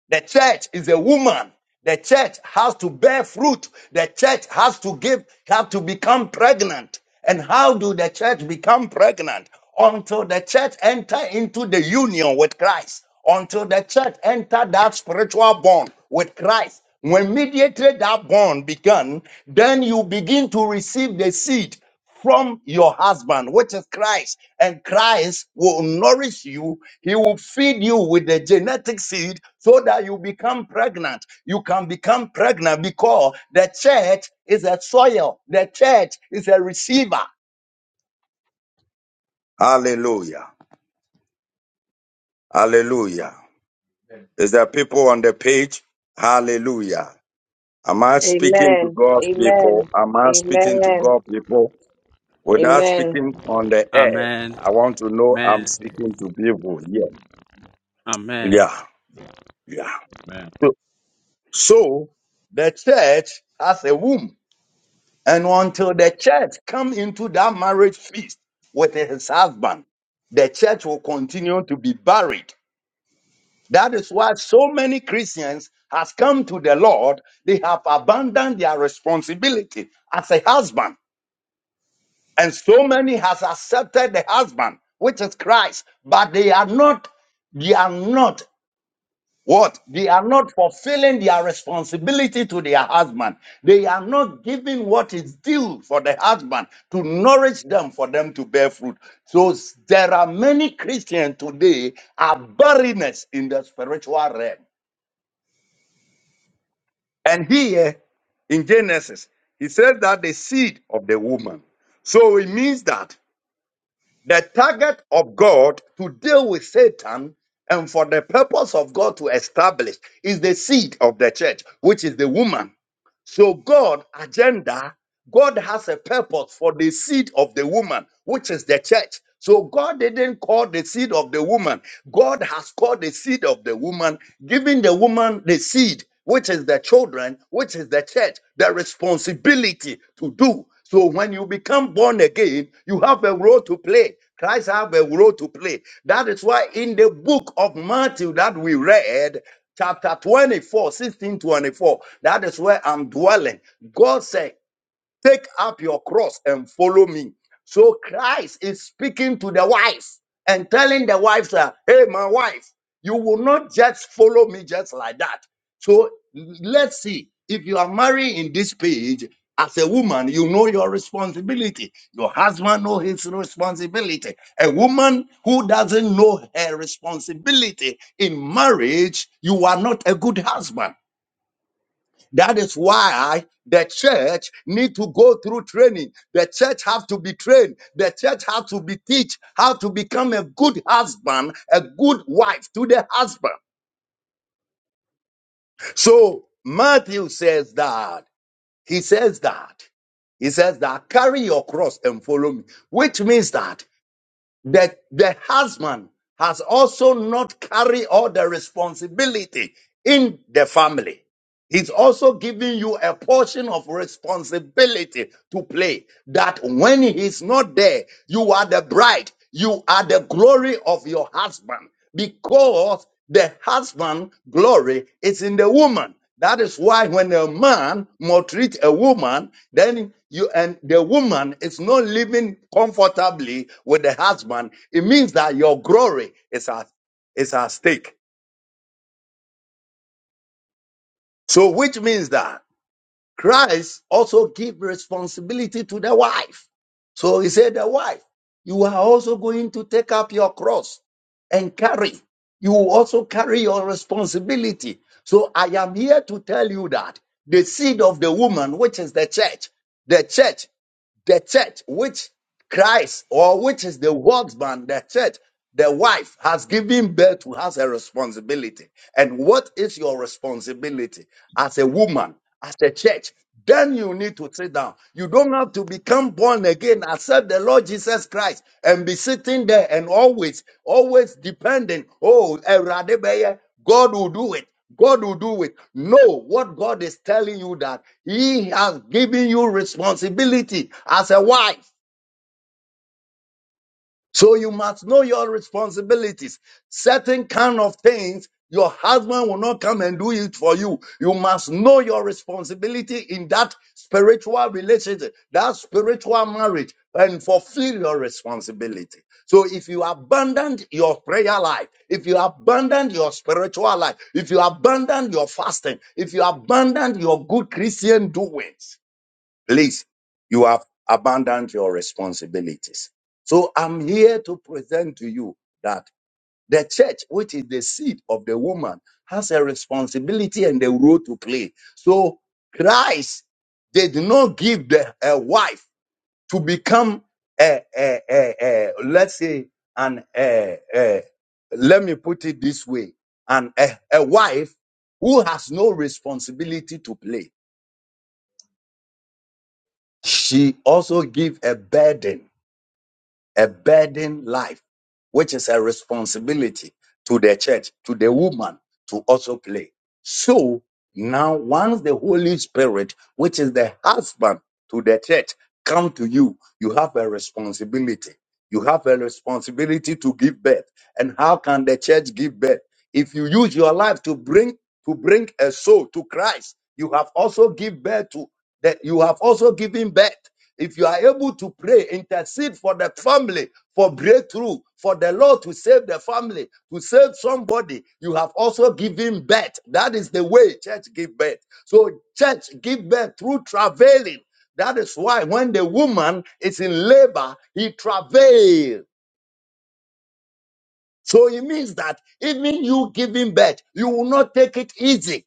S1: The church is a woman. The church has to bear fruit. The church has to give, have to become pregnant. And how do the church become pregnant? Until the church enter into the union with Christ. Until the church enter that spiritual bond with Christ. When mediated that bond began, then you begin to receive the seed from your husband, which is Christ. And Christ will nourish you. He will feed you with the genetic seed so that you become pregnant. You can become pregnant because the church is a soil, the church is a receiver. Hallelujah. Hallelujah. Is there people on the page? Hallelujah. Am I speaking to
S6: Amen.
S1: God's people?
S6: Amen.
S1: Am I speaking to
S6: Amen.
S1: God's people? Without
S6: Amen.
S1: speaking on the air,
S7: Amen.
S1: I want to know I'm
S7: Amen.
S1: speaking to people. here.
S7: Amen.
S1: Yeah, yeah.
S8: Amen.
S1: So so the church has a womb, and until the church come into that marriage feast with his husband, the church will continue to be buried. That is why so many Christians has come to the Lord. They have abandoned their responsibility as a husband, and so many has accepted the husband, which is Christ, but they are not. They are not. What? They are not fulfilling their responsibility to their husband. They are not giving what is due for the husband to nourish them for them to bear fruit. So s- there are many Christians today are barrenness in the spiritual realm. And here in Genesis, he says that the seed of the woman. So it means that the target of God to deal with Satan and for the purpose of God to establish is the seed of the church, which is the woman. So God agenda God has a purpose for the seed of the woman, which is the church. So God didn't call the seed of the woman. God has called the seed of the woman, giving the woman the seed, which is the children, which is the church, the responsibility to do. So when you become born again, you have a role to play. Christ have a role to play. That is why in the book of Matthew that we read, chapter twenty four, sixteen twenty-four, That is where I'm dwelling. God said, Take up your cross and follow me. So Christ is speaking to the wives and telling the wives, that, hey, my wife, you will not just follow me just like that. So let's see. If you are married in this page, as a woman, you know your responsibility. Your husband know his responsibility. A woman who doesn't know her responsibility in marriage, you are not a good husband. That is why the church need to go through training. The church have to be trained. The church have to be teach how to become a good husband, a good wife to the husband. So Matthew says that. He says that. He says that carry your cross and follow me, which means that the, the husband has also not carried all the responsibility in the family He's also giving you a portion of responsibility to play that when he's not there, you are the bride. You are the glory of your husband because the husband glory is in the woman. That is why when a man maltreats a woman, then you and the woman is not living comfortably with the husband. It means that your glory is at, is at stake. So which means that Christ also give responsibility to the wife. So he said, the wife, you are also going to take up your cross and carry. You will also carry your responsibility. So I am here to tell you that the seed of the woman, which is the church, the church, the church, which Christ, or which is the workman, the church, the wife has given birth to has a responsibility. And what is your responsibility as a woman, as a church? Then you need to sit down. You don't have to become born again, accept the Lord Jesus Christ, and be sitting there and always, always depending. Oh, Awurade bɛyɛ. God will do it. God will do it. Know what God is telling you that He has given you responsibility as a wife so you must know your responsibilities. Certain kind of things your husband will not come and do it for you. You must know your responsibility in that spiritual relationship, that spiritual marriage, and fulfill your responsibility. So if you abandon your prayer life, if you abandon your spiritual life, if you abandon your fasting, if you abandon your good Christian doings, Please, you have abandoned your responsibilities. So I'm here to present to you that the church, which is the seed of the woman, has a responsibility and a role to play. So Christ did not give the a wife to become a, a, a, a let's say an a, a, let me put it this way an a, a wife who has no responsibility to play she also give a burden a burden life, which is a responsibility to the church, to the woman to also play. So now, once the Holy Spirit, which is the husband to the church, come to you, you have a responsibility. You have a responsibility to give birth. And how can the church give birth? If you use your life to bring to bring a soul to Christ, you have also give birth to that. You have also given birth. If you are able to pray, intercede for the family, for breakthrough, for the Lord to save the family, to save somebody, you have also given birth. That is the way church give birth. So church give birth through travailing. That is why when the woman is in labor, he travails. So it means that even you giving birth, you will not take it easy.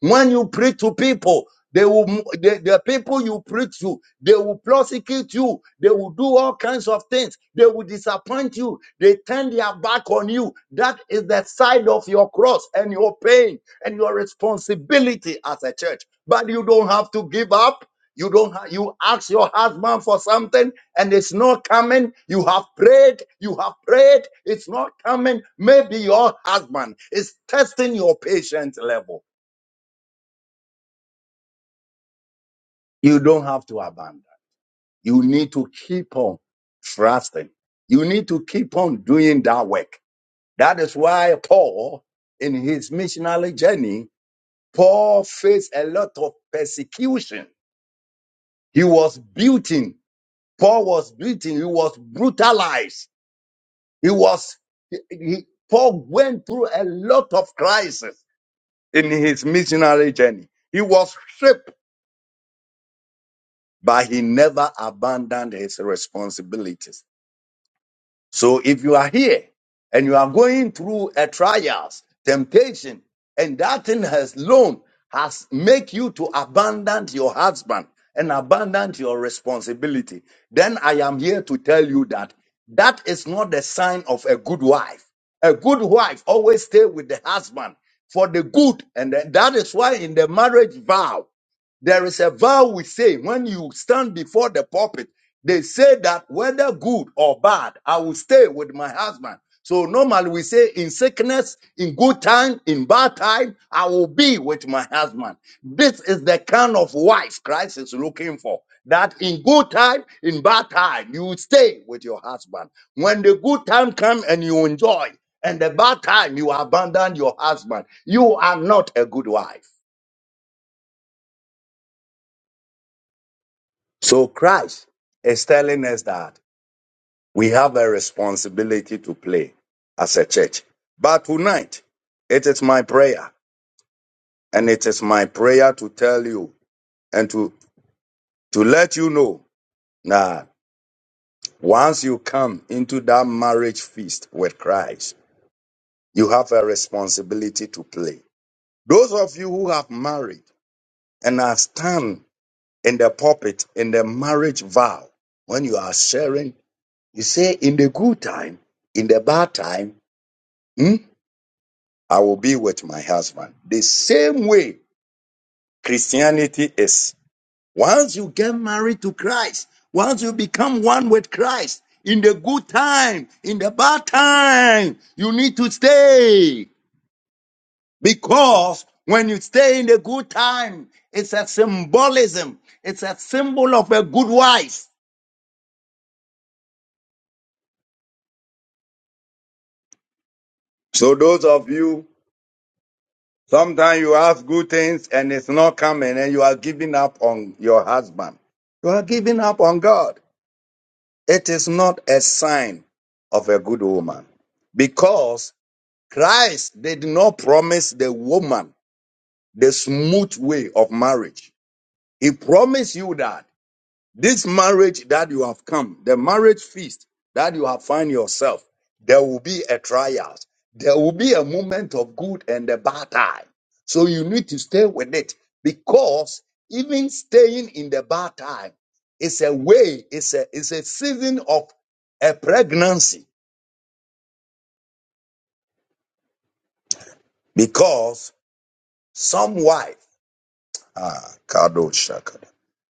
S1: When you preach to people, they will the, the people you preach to, they will prosecute you, they will do all kinds of things, they will disappoint you, they turn their back on you. That is the side of your cross and your pain and your responsibility as a church. But you don't have to give up. You don't ha- you ask your husband for something and it's not coming. You have prayed, you have prayed, it's not coming. Maybe your husband is testing your patience level. You don't have to abandon. You need to keep on trusting. You need to keep on doing that work. That is why Paul, in his missionary journey, Paul faced a lot of persecution. He was beaten. Paul was beaten. He was brutalized. He was, he, he- Paul went through a lot of crises in his missionary journey. He was stripped, but he never abandoned his responsibilities So if you are here and you are going through a trials, temptation, and that thing has loan has make you to abandon your husband and abandon your responsibility, then I am here to tell you that that is not the sign of a good wife. A good wife always stay with the husband for the good, and that that is why in the marriage vow there is a vow we say when you stand before the pulpit. They say that whether good or bad, I will stay with my husband. So normally we say in sickness, in good time, in bad time, I will be with my husband. This is the kind of wife Christ is looking for. That in good time, in bad time, you will stay with your husband. When the good time comes and you enjoy, and the bad time you abandon your husband, you are not a good wife. So Christ is telling us that we have a responsibility to play as a church. But tonight, it is my prayer, and it is my prayer to tell you and to, to let you know that once you come into that marriage feast with Christ, you have a responsibility to play. Those of you who have married and are stand in the pulpit in the marriage vow, when you are sharing He said, In the good time, in the bad time, hmm, I will be with my husband. The same way Christianity is. Once you get married to Christ, once you become one with Christ, in the good time, in the bad time, you need to stay. Because when you stay in the good time, it's a symbolism, it's a symbol of a good wife. So, those of you Sometimes you ask good things and it's not coming and you are giving up on your husband. You are giving up on God. It is not a sign of a good woman because Christ did not promise the woman the smooth way of marriage. He promised you that. This marriage that you have come, the marriage feast that you have find yourself, there will be a trial. There will be a moment of good and a bad time. So you need to stay with it because even staying in the bad time is a way, it's a, it's a season of a pregnancy because some wife, ah, Kado Shaka.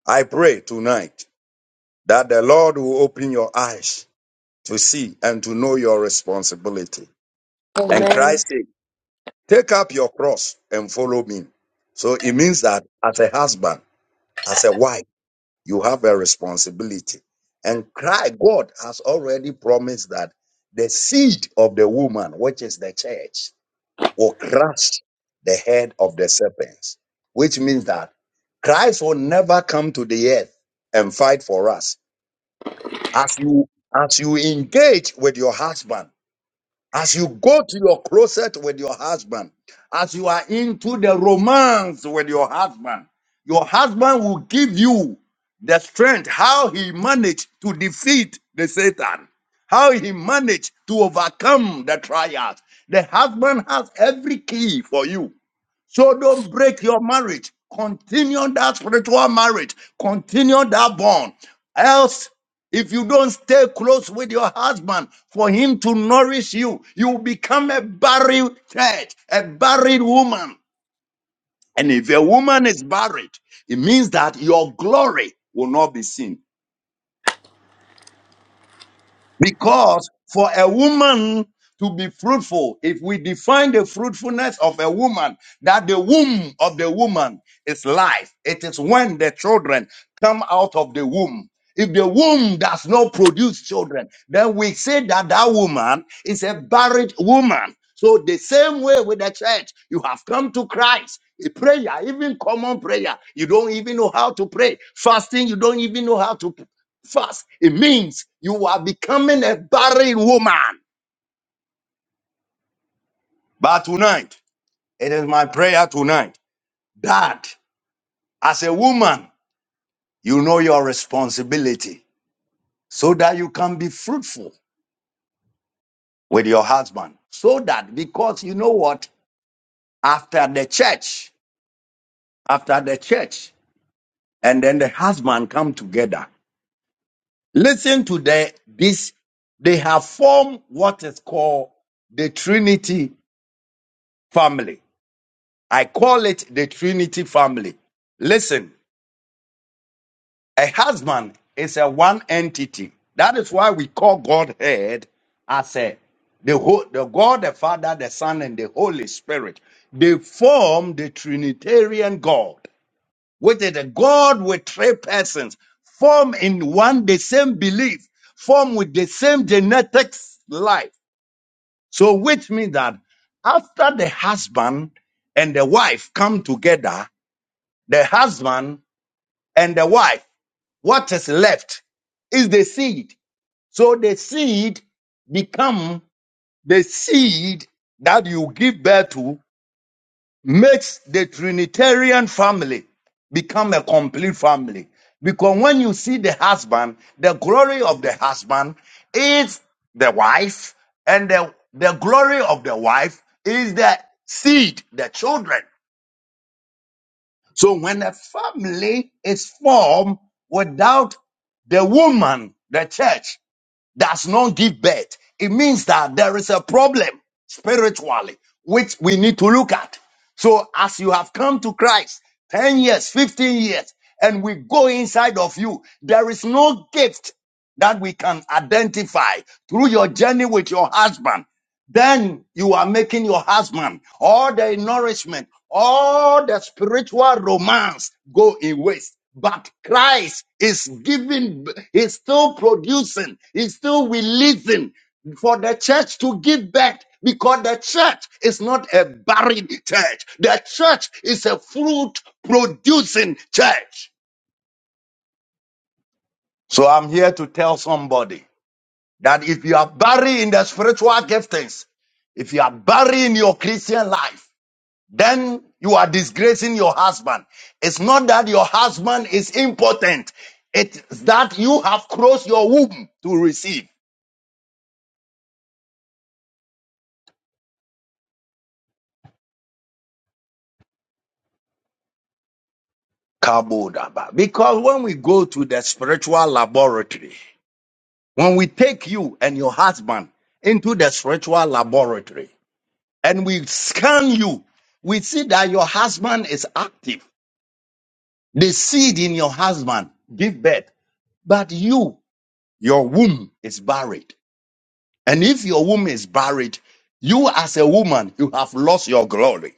S1: I pray tonight that the Lord will open your eyes to see and to know your responsibility. And
S5: Amen.
S1: Christ said, Take up your cross and follow me. So it means that as a husband, as a wife, you have a responsibility. And Christ, God has already promised that the seed of the woman, which is the church, will crush the head of the serpents, which means that Christ will never come to the earth and fight for us. As you as you engage with your husband, As you go to your closet with your husband, as you are into the romance with your husband, your husband will give you the strength how he managed to defeat the Satan, how he managed to overcome the trials. The husband has every key for you. So don't break your marriage. Continue that spiritual marriage. Continue that bond. Else, if you don't stay close with your husband for him to nourish you, you become a buried church, a buried woman. And if a woman is buried, it means that your glory will not be seen. Because for a woman to be fruitful, if we define the fruitfulness of a woman, that the womb of the woman is life, it is when the children come out of the womb. If the womb does not produce children, then we say that that woman is a buried woman. So, the same way with the church, you have come to Christ. A Prayer, even common prayer, you don't even know how to pray. Fasting, you don't even know how to pray fast, it means you are becoming a barren woman. But tonight, it is my prayer tonight that as a woman, you know your responsibility so that you can be fruitful with your husband. So that, because you know what? After the church, after the church, and then the husband come together. Listen to the, this. They have formed what is called the Trinity family. I call it the Trinity family. Listen, a husband is a one entity. That is why we call Godhead as a the whole the God, the Father, the Son, and the Holy Spirit. They form the Trinitarian God, which is a God with three persons, form in one the same belief, form with the same genetics life. So which means that after the husband and the wife come together, the husband and the wife, what is left is the seed. So the seed become the seed that you give birth to makes the Trinitarian family become a complete family. Because when you see the husband, the glory of the husband is the wife, and the, the glory of the wife is the seed, the children. So when a family is formed without the woman, the church does not give birth, it means that there is a problem spiritually, which we need to look at. So as you have come to Christ, 10 years, 15 years, and we go inside of you, there is no gift that we can identify through your journey with your husband then you are making your husband all the nourishment, all the spiritual romance go in waste. But Christ is giving, he's still producing, he's still releasing for the church to give back because the church is not a buried church. The church is a fruit producing church. So I'm here to tell somebody that if you are buried in the spiritual giftings, if you are buried in your Christian life, then you are disgracing your husband. It's not that your husband is impotent. It's that you have closed your womb to receive. Kabodaba. Because when we go to the spiritual laboratory, when we take you and your husband into the spiritual laboratory and we scan you, we see that your husband is active. The seed in your husband give birth, but you, your womb is buried. And if your womb is buried, you as a woman, you have lost your glory.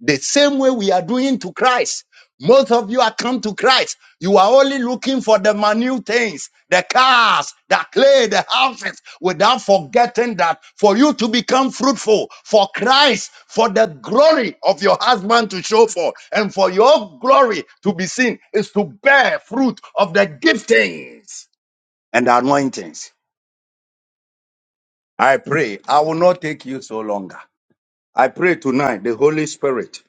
S1: The same way we are doing to Christ. Most of you are come to Christ. You are only looking for the minute things, the cars, the clay, the houses, without forgetting that for you to become fruitful, for Christ, for the glory of your husband to show for, and for your glory to be seen, is to bear fruit of the giftings and the anointings. I pray I will not take you so longer. I pray tonight the Holy Spirit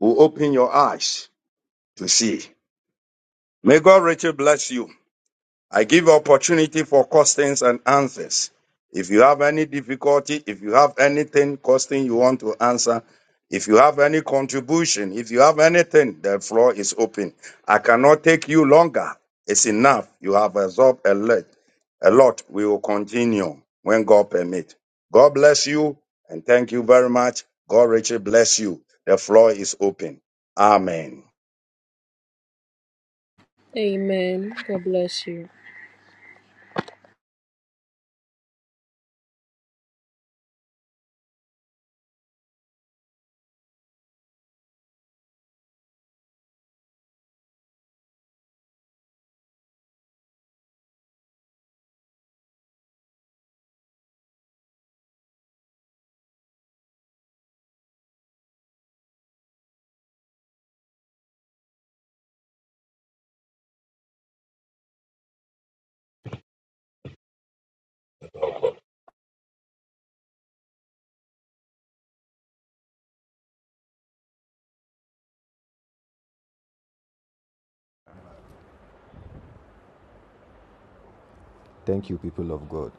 S1: will open your eyes to see. May God richly bless you. I give opportunity for questions and answers. If you have any difficulty, if you have anything, question you want to answer, if you have any contribution, if you have anything, the floor is open. I cannot take you longer. It's enough. You have absorbed a lot. A lot. We will continue when God permit. God bless you and thank you very much. God richly bless you. The floor is open. Amen.
S5: Amen. God bless you.
S9: Thank you, people of God.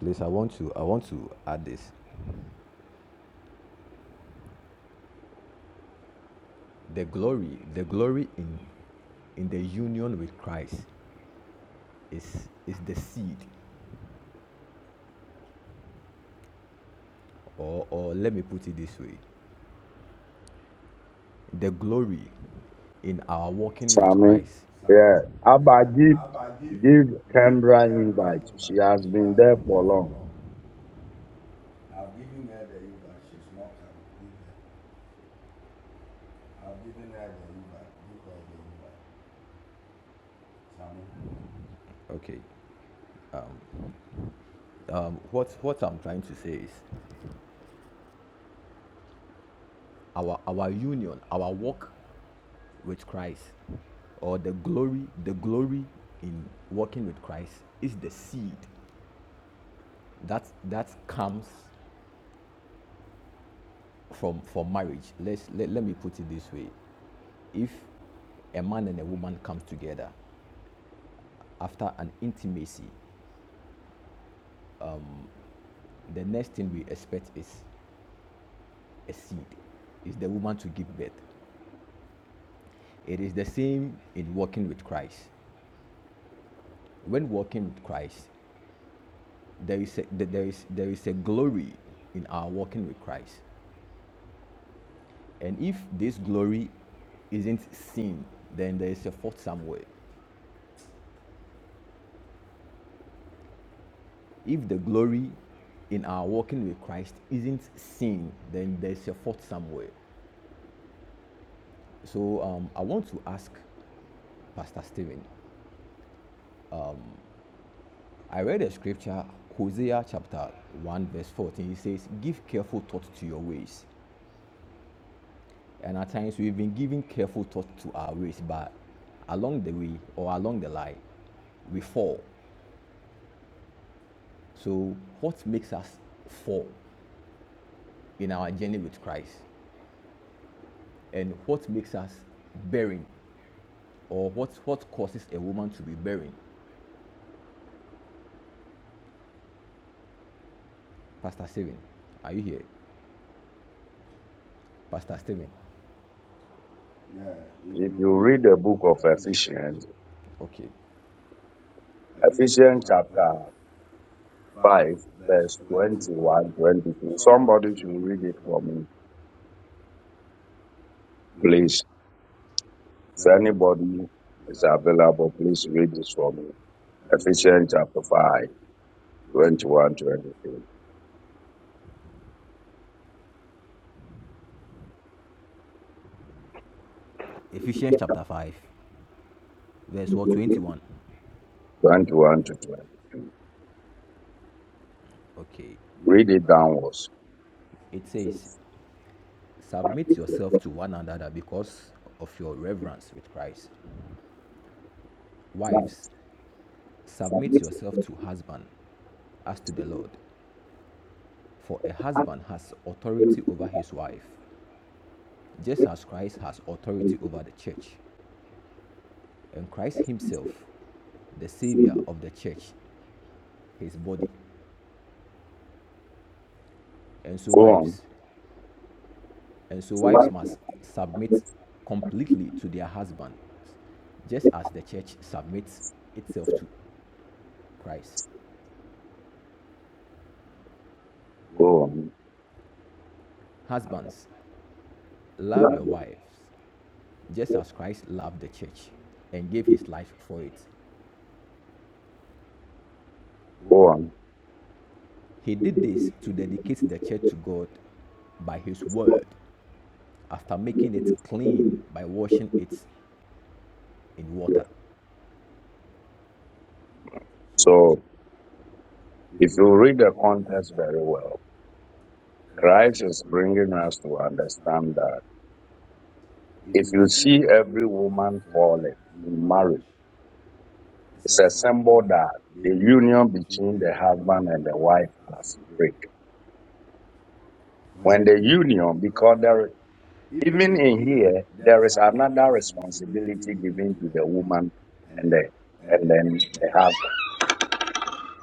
S9: Please, I want to I want to add this. The glory, the glory in in the union with Christ is is the seed, or or let me put it this way, the glory in our walking with
S1: Amen.
S9: Christ. Sammy.
S1: yeah. Abba,
S9: Yeah.
S1: give,
S9: Abba, give
S1: give
S9: give
S1: Kendra
S9: Kendra
S1: She
S9: invite.
S1: has
S9: She
S1: been
S9: has
S1: there for
S9: been there for long. I've given her the invite. She's not coming. I've given her the invite. Give her the invite. Sammy. Okay. um, what what I'm trying to say is our our union, our walk with Christ, or the glory the glory in walking with Christ is the seed that that comes from from marriage. Let's let, let me put it this way: if a man and a woman comes together after an intimacy, the next thing we expect is a seed, is the woman to give birth. It is the same in walking with Christ when walking with Christ, there is a, there is there is a glory in our walking with Christ, and if this glory isn't seen, then there is a fault somewhere. If the glory in our walking with Christ isn't seen, then there's a fault somewhere. So um, I want to ask Pastor Stephen. I read a scripture, Hosea chapter 1, verse 14. It says, Give careful thought to your ways, And at times we've been giving careful thought to our ways, but along the way or along the line, we fall. So, what makes us fall in our journey with Christ? And what makes us barren? Or what, what causes a woman to be barren? Pastor Stephen, are you here? Pastor Stephen. Yeah, if you read the
S1: read the
S9: book
S1: book of
S9: of Ephesians,
S1: Ephesians,
S9: Okay. Ephesians
S1: Ephesians
S9: chapter
S1: chapter
S9: 5,
S1: 5,
S9: verse
S1: verse
S9: 21,
S1: 21,
S9: 22.
S1: 22. Somebody,
S9: somebody should read it for me. place.
S1: please,
S9: If
S1: if anybody
S9: anybody is
S1: is
S9: available,
S1: available,
S9: please
S1: please
S9: read
S1: read
S9: it
S1: this
S9: for
S1: for me.
S9: me. Ephesians
S1: Ephesians
S9: chapter
S1: chapter
S9: 5,
S1: 5,
S9: twenty-one,
S1: 21,
S9: twenty-two. Ephesians chapter 5, verse what, 21. 21,
S1: 21, to
S9: Okay.
S1: read
S9: Read it
S1: it
S9: down.
S1: downward.
S9: It says, Submit yourself to one another because of your reverence with Christ. Wives, submit yourself to husband as to the Lord. For a husband has authority over his wife, just as Christ has authority over the church, and Christ Himself, the Savior of the church, His body. And so, wives, and so wives must submit completely to their husbands, just as the church submits itself to Christ.
S1: Go on,
S9: Husbands, love your wives, just as Christ loved the church and gave His life for it.
S1: go on.
S9: He did this to dedicate the church to God by His word after making it clean by washing it in water. So,
S1: So,
S9: if
S1: if
S9: you
S1: you
S9: read
S1: read
S9: the
S1: the
S9: context
S1: context
S9: very
S1: very
S9: well,
S1: well,
S9: Christ
S1: Christ is
S9: is bringing
S1: helping
S9: us
S1: us
S9: to
S1: to
S9: understand
S1: understand
S9: that
S1: that
S9: if you see
S1: he ever
S9: every woman falling
S1: fallen.
S9: in marriage, it's
S1: It's
S9: a
S1: a
S9: symbol
S1: symbol
S9: that
S1: that
S9: the
S1: union
S9: union between
S1: between
S9: the
S1: the
S9: husband
S1: husband
S9: and
S1: and
S9: the
S1: the
S9: wife
S1: wife.
S9: has a break. When
S1: When
S9: the
S1: the
S9: union,
S1: union,
S9: because
S1: because
S9: there,
S1: there is
S9: even in here,
S1: here,
S9: there
S1: there
S9: is
S1: is
S9: another
S1: another
S9: responsibility given to the woman and
S1: respect.
S9: the, and
S1: and
S9: then
S1: then
S9: the
S1: they have
S9: husband.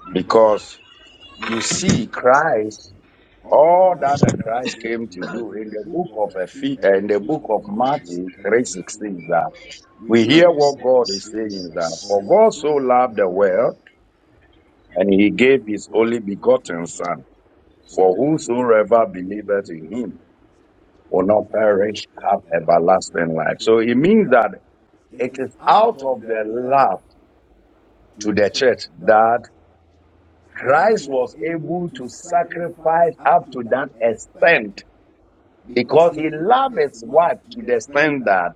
S9: Because
S1: because
S9: you see,
S1: he cried
S9: Christ,
S1: all
S9: all that the Christ came to do in the book of Ephe-
S1: he,
S9: in
S1: and
S9: the book of Matthew
S1: Matthew
S9: three
S1: reads
S9: sixteen that
S1: that
S9: we hear
S10: Where is
S9: what
S1: for
S9: God
S1: God
S9: is saying
S1: is
S9: that
S1: that
S9: for
S1: for
S9: God
S1: God
S9: so
S1: so
S9: loved
S1: loved
S9: the
S1: the
S9: world
S1: world
S9: and
S1: and
S9: He
S1: he
S9: gave
S1: gave
S9: His
S1: his
S9: only
S1: only
S9: begotten
S1: begotten
S9: Son,
S1: son
S9: for
S1: for whosoever
S9: whosoever
S1: be-
S9: believeth in Him will
S1: will not
S9: not perish
S1: perish
S9: have
S1: have
S9: everlasting
S1: everlasting
S9: life.
S1: life.
S9: So
S1: So
S9: it
S1: it
S9: means
S1: means that
S9: that it is
S1: our
S9: out of the love
S1: love
S9: to the
S1: the
S9: church
S1: church that
S9: that
S1: Christ
S9: Christ was able to sacrifice
S1: fight up
S9: up to that extent
S1: sin
S9: because
S1: because
S9: he
S1: he
S9: loved
S1: loves
S9: his
S1: his
S9: wife
S1: wife
S9: to the extent that
S1: that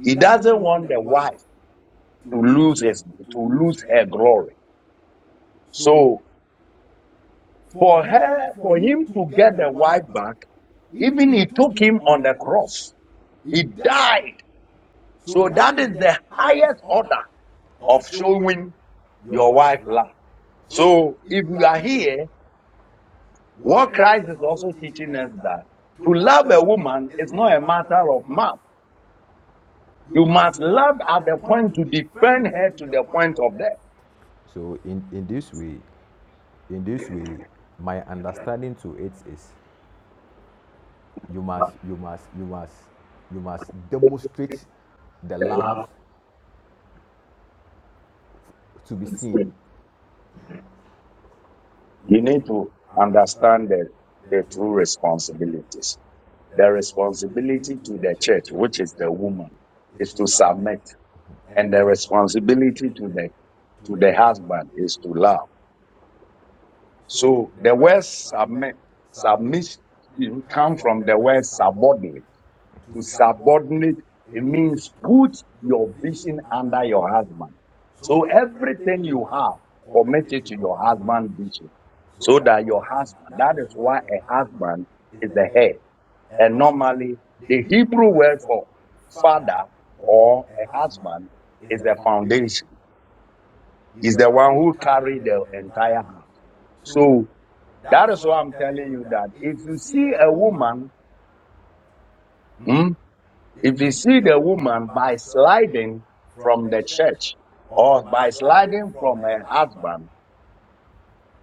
S9: he doesn't want the wife to lose his to lose
S1: is
S9: her
S1: her
S9: glory.
S1: glory.
S9: So for her, for him to get the wife back, even he took him on the cross. He died. So that is the highest order of showing your wife love. So if you are here What Christ is also teaching us that to love a woman is not a matter of mouth. You must love at the point to defend her to the
S1: The
S9: point
S1: point
S9: of death. So in, in this way, in this way, my understanding to it is you must you must you must you must demonstrate the love to be seen. you need to
S1: to
S9: understand
S1: understand
S9: the,
S1: the
S9: the true
S1: true
S9: responsibilities.
S1: responsibility.
S9: The
S1: The
S9: responsibility
S1: responsibility
S9: to the
S1: of the
S9: church,
S1: church,
S9: which
S1: which
S9: is
S1: is
S9: the
S1: the womb
S9: woman, is to
S1: some,
S9: submit, and
S1: and
S9: the
S1: the
S9: responsibility
S1: responsibility
S9: to
S1: to
S9: the
S1: the,
S9: to the
S1: the
S9: husband
S1: husband
S9: is
S1: is
S9: to
S1: to love.
S9: love. So
S1: So
S9: the
S1: the word
S9: word submit, submit come from
S1: from
S9: the
S1: the
S9: word
S1: word sub,
S9: subordinate. To
S1: subordinate,
S9: subordinate it means put
S1: put
S9: your
S1: your
S9: vision under
S1: under
S9: your
S1: your husband.
S9: husband. So everything you have, commit it to your husband's vision. So
S1: So that
S9: that your husband, that
S1: that
S9: is
S1: is
S9: why
S1: why
S9: a
S1: a
S9: husband
S1: husband,
S9: is the
S1: the
S9: head.
S1: head,
S9: And normally, the
S1: the
S9: Hebrew
S1: Hebrew
S9: word
S1: word
S9: for father or a husband is the
S1: the founder
S9: foundation. He's
S1: is
S9: the
S1: the
S9: one
S1: one who.
S9: who carried the entire house. So
S1: So
S9: that is why I'm telling you that if you see a woman, hmm,
S1: hmm,
S9: if
S1: if
S9: you
S1: you
S9: see
S1: see
S9: the
S1: the word
S9: woman by
S1: slide
S9: sliding from the church or by
S1: by slide,
S9: sliding from her husband,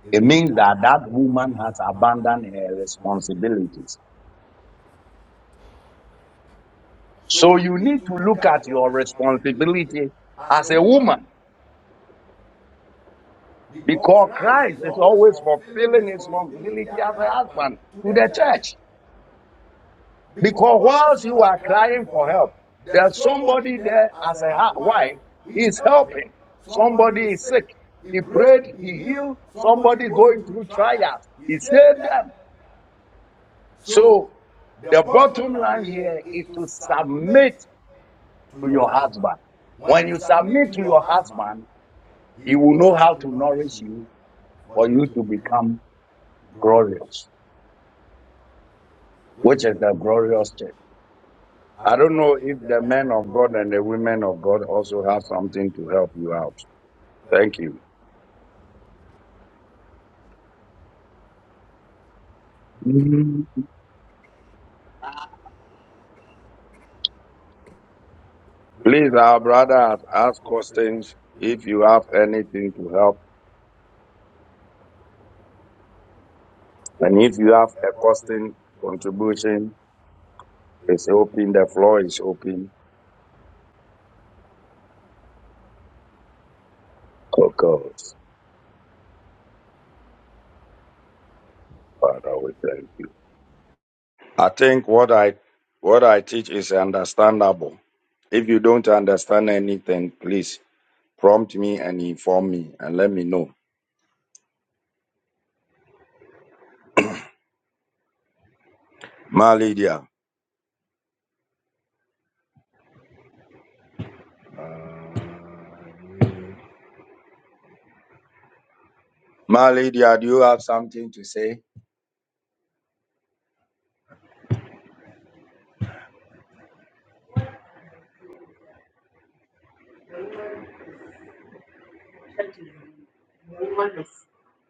S9: it
S1: it
S9: means
S1: means
S9: that
S1: that
S9: that
S1: that
S9: woman
S1: woman
S9: has
S1: has abandoned
S9: abandoned her responsibilities.
S1: responsibility.
S9: So
S1: So
S9: you need to
S1: if you
S9: look
S1: look at
S9: at your
S1: responsibility,
S9: responsibility as a woman because Christ is always fulfilling his responsibility as a husband to the church. Because whilst you are crying for help, there's somebody there as a wife, he's helping. Somebody is sick, he prayed, he healed. Somebody going through trials, he saved them. So the bottom line here is to submit to your husband. When you submit to your husband, he
S1: you
S9: will
S1: will
S9: know
S1: know
S9: how to nourish you for
S1: for
S9: you
S1: you
S9: to
S1: to
S9: become
S1: grow
S9: glorious,
S1: it,
S9: which is
S1: which is
S9: the
S1: the
S9: glorious
S1: glorious
S9: state. I don't know if the men of God and the
S1: the
S9: women
S1: women
S9: of God also
S1: also
S9: have
S1: have
S9: something
S1: something
S9: to
S1: to
S9: help
S1: help
S9: you
S1: you
S9: out.
S1: out.
S9: Thank
S1: Thank
S9: you.
S1: you.
S9: Please,
S1: Please,
S9: our
S1: our
S9: brother
S1: brother
S9: has
S1: ask
S9: asked questions
S1: questions.
S9: if
S1: If
S9: you
S1: you
S9: have
S1: have
S9: anything
S1: anything
S9: to
S1: to
S9: help.
S1: help,
S9: And
S1: and
S9: if
S1: if
S9: you
S1: you have
S9: have a question, contribution,
S1: contribution,
S9: it's
S1: it's
S9: open.
S1: open.
S9: The
S1: The
S9: floor
S1: floor
S9: is
S1: is
S9: open
S1: open. Oh
S9: for
S1: God,
S9: God.
S1: Father, we thank. you. I think what I what I teach is understandable. If you don't understand anything, please prompt me and inform me and let me know. Ma Lydia, Ma Lydia, do you have something to say?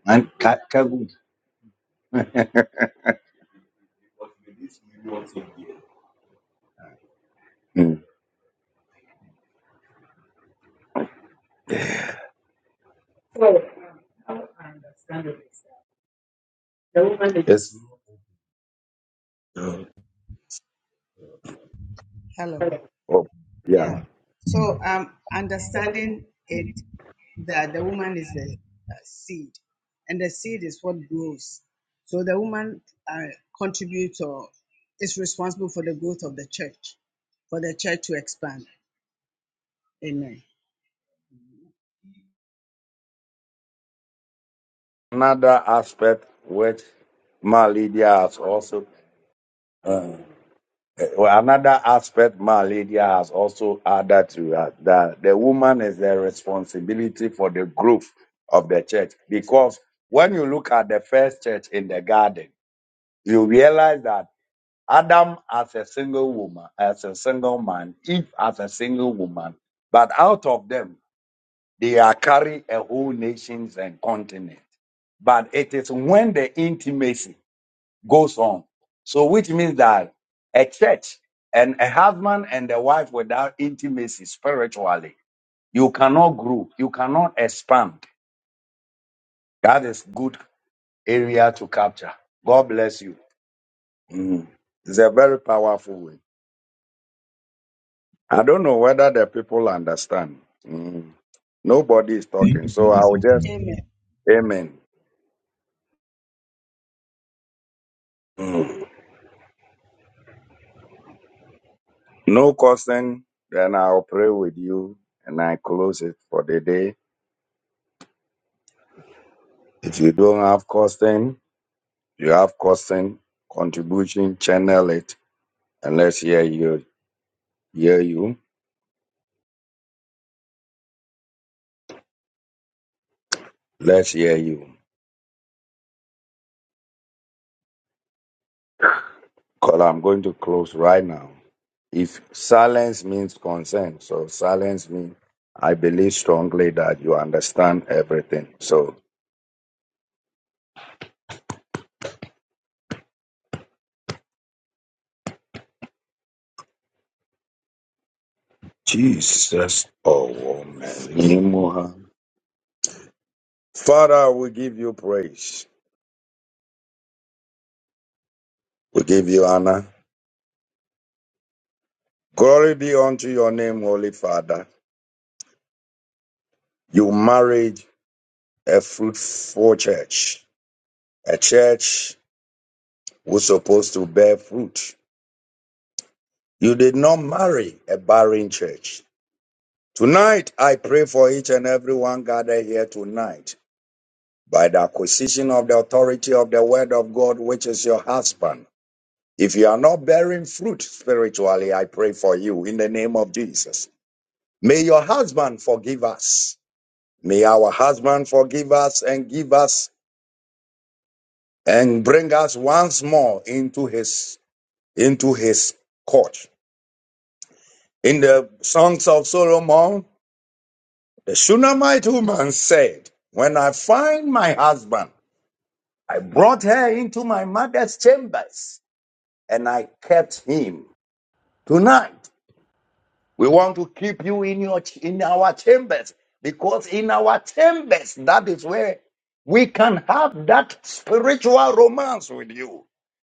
S1: And cut.
S11: Hello.
S1: Oh, yeah.
S11: Yeah. So um, understanding it that the woman is the uh, seed, and the seed is what grows. So the woman uh, contributes or is responsible for the growth of the church, for the church to expand. Amen.
S1: another aspect which Maladia has also uh, well, another aspect Maladia has also added to that, that the woman is the responsibility for the growth of the church because when you look at the first church in the garden you realize that Adam as a single woman as a single man Eve as a single woman but out of them they are carry a whole nations and continent but it is when the intimacy goes on. So, which means that a church and a husband and a wife without intimacy spiritually, you cannot grow, you cannot expand. That is good area to capture. God bless you. Mm. It's a very powerful way. I don't know whether the people understand. Mm. Nobody is
S11: Thank
S1: talking,
S11: you
S1: so
S11: for
S1: I
S11: this.
S1: will just
S11: Amen.
S1: amen. Mm. No cursing. Then I'll pray with you, and I close it for the day. If you don't have cursing, You have question, contribution, channel it, and let's hear you. Hear you. Let's hear you. Because I'm going to close right now. If silence means consent, so silence means I believe strongly that you understand everything. So Jesus, oh woman, Nimuha. Father, we give you praise. We give you honor. Glory be unto your name, Holy Father. You married a fruitful church, a church we supposed to bear fruit. You did not marry a barren church. Tonight, I pray for each and every one gathered here tonight by the acquisition of the authority of the word of God, which is your husband. If you are not bearing fruit spiritually, I pray for you in the name of Jesus. May your husband forgive us. May our husband forgive us and give us and bring us once more into his into his court. In the Songs of Solomon, The Shunammite woman said, When I find my husband, I brought her into my mother's chambers and I kept him. Tonight, we want to keep you in your in our chambers because in our chambers that is where we can have that spiritual romance with you.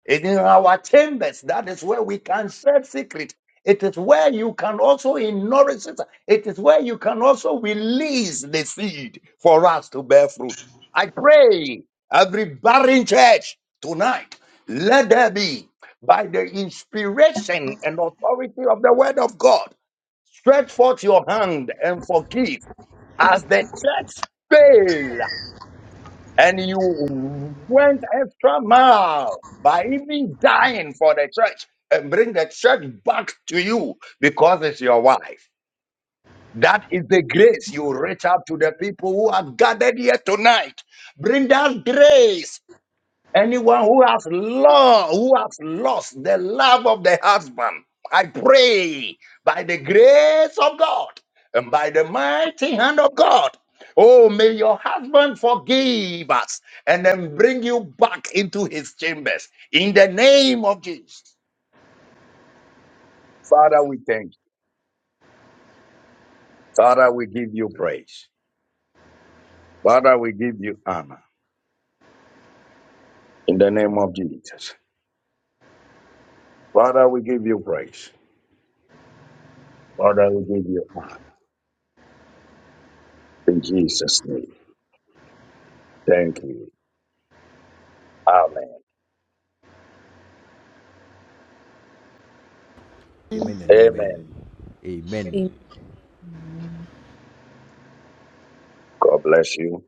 S1: And in our chambers that is where we can share secret. It is where you can also nourish it. It is where you can also release the seed for us to bear fruit. I pray every barren church tonight, let there be by the inspiration and authority of the word of God Stretch forth your hand and forgive as the church failed and you went extra mile by even dying for the church and bring the church back to you because it's your wife. That is the grace you reach out to the people who are gathered here tonight. Bring that grace Anyone who has lost, who has lost the love of the husband, I pray by the grace of God and by the mighty hand of God. Oh, may your husband forgive us and then bring you back into his chambers in the name of Jesus. Father, we thank you. Father, we give you praise. Father, we give you honor in the name of Jesus. Father, we give you praise. Father, we give you honor in Jesus' name. Thank you. Amen.
S9: Amen and
S1: Amen.
S9: amen. Amen.
S12: Yeah.
S1: God bless you.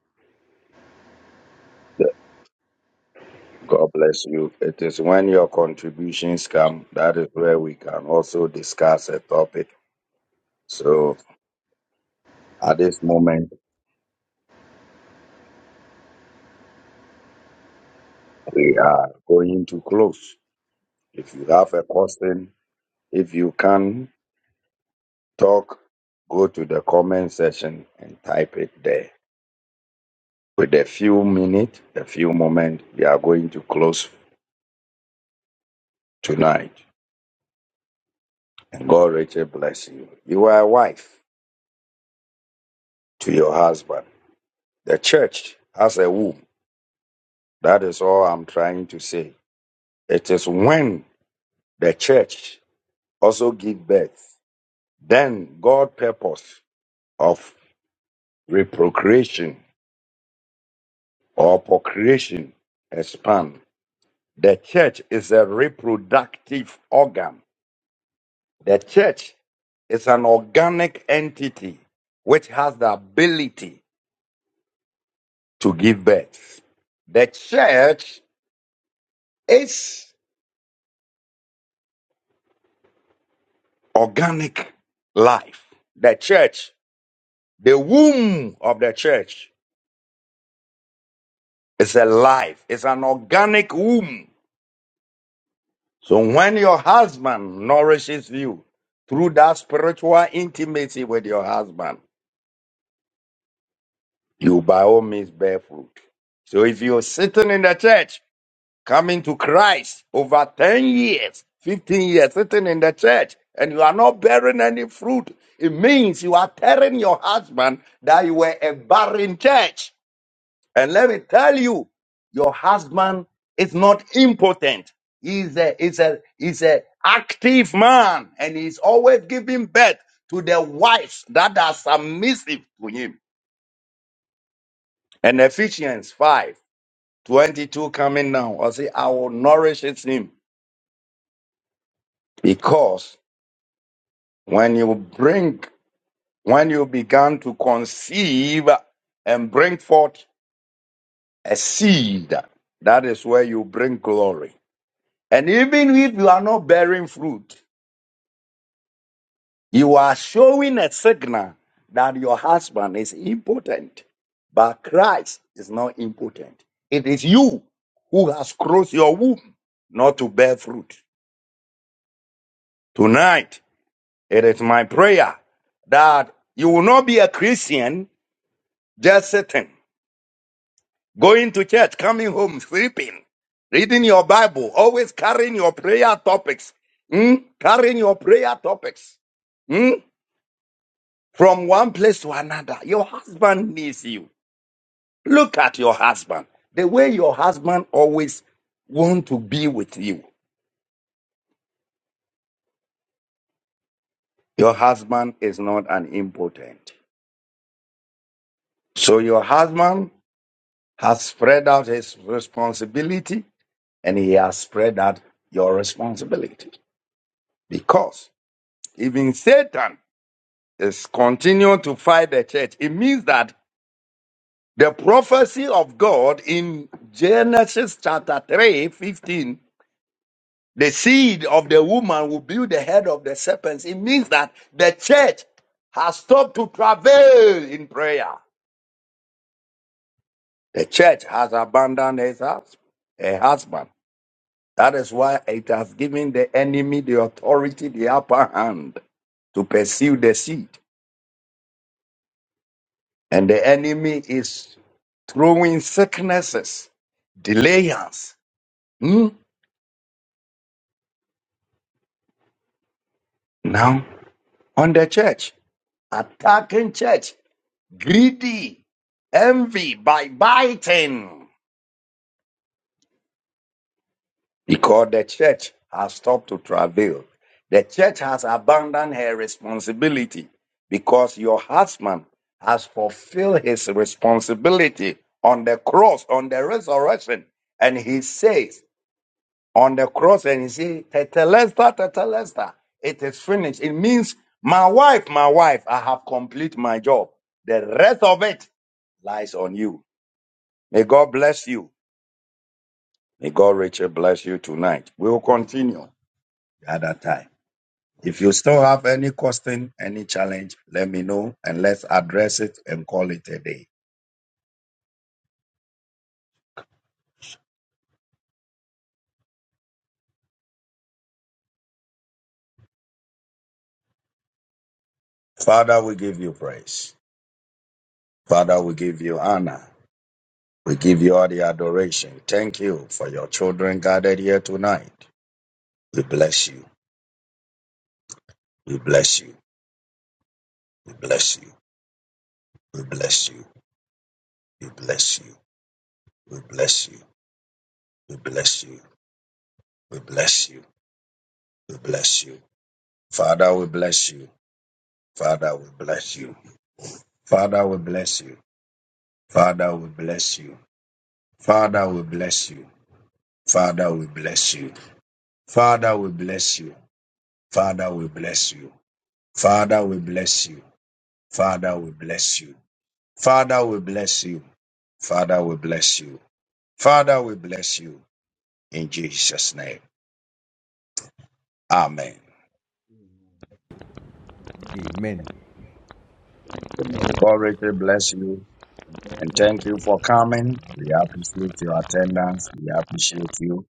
S1: God bless you. It is when your contributions come that is where we can also discuss a topic. So at this moment, we are going to close. If you have a question, if you can talk, go to the comment section and type it there. With a few minutes, a few moments, we are going to close tonight. And God, Rachel, bless you. You are a wife to your husband. The church has a womb. That is all I'm trying to say. It is when the church also give birth, then God purpose of reprocreation or procreation expand. The church is a reproductive organ. The church is an organic entity which has the ability to give birth. The church is organic life. The church, the womb of the church It's a life. It's an organic womb. So when your husband nourishes you through that spiritual intimacy with your husband, you by all means bear fruit. So if you're sitting in the church, coming to Christ over 10 years, 15 years, sitting in the church, and you are not bearing any fruit, it means you are telling your husband that you were a barren church. And let me tell you, your husband is not impotent. He's a, he's a, he's a active man and he's always giving birth to the wives that are submissive to him. And Ephesians 5 22 coming down, I say, I will nourish him because when you bring, when you began to conceive and bring forth a seed, that is where you bring glory. And even if you are not bearing fruit, you are showing a signal that your husband is impotent. But Christ is not impotent. It is you who has closed your womb not to bear fruit. Tonight, it is my prayer that you will not be a Christian just sitting, going to church, coming home, sleeping, reading your Bible, always carrying your prayer topics, mm, carrying your prayer topics. Hmm? from one place to another. Your husband needs you. Look at your husband. The way your husband always want to be with you. Your husband is not an impotent. So your husband has spread out his responsibility and he has spread out your responsibility. Because even Satan is continuing to fight the church. It means that the prophecy of God in Genesis chapter 3 15. The seed of the woman will build the head of the serpents. It means that the church has stopped to travail in prayer. The church has abandoned his hus- her husband. That is why it has given the enemy the authority, the upper hand to pursue the seed. And the enemy is throwing sicknesses, delayance. hmm, Now on the church, attacking church. greedy, envy by biting, because the church has stopped to travail. The church has abandoned her responsibility because your husband has fulfilled his responsibility on the cross, on the resurrection. And he says on the cross, and he says, Tetelesta, Tetelesta, it is finished. It means, my wife, my wife, I have complete my job. The rest of it lies on you. May God bless you. May God richly bless you tonight. We will continue at that time. If you still have any question, any challenge, let me know and let's address it and call it a day. Father, we give you praise. Father, we give you honor. We give you all the adoration. Thank you for your children gathered here tonight. We bless you. We bless you. We bless you. We bless you. We bless you. We bless you. We bless you. We bless you. We bless you. Father, we bless you. Father, we bless you. Father, we bless you. Father, we bless you. Father, we bless you. Father, we bless you. Father, we bless you. Father, we bless you. Father, we bless you. Father, we bless you. Father, we bless you. Father, we bless you. Father, we bless you. In Jesus' name. Amen.
S9: Amen. Amen. God
S1: God
S9: Richard
S1: richly
S9: bless
S1: bless
S9: you
S1: you
S9: and
S1: and
S9: thank
S1: thank
S9: you
S1: you
S9: for
S1: for
S9: coming.
S1: coming.
S9: We
S1: We
S9: appreciate
S1: appreciate
S9: your
S1: your attendance.
S9: attendance.
S1: We appreciate you.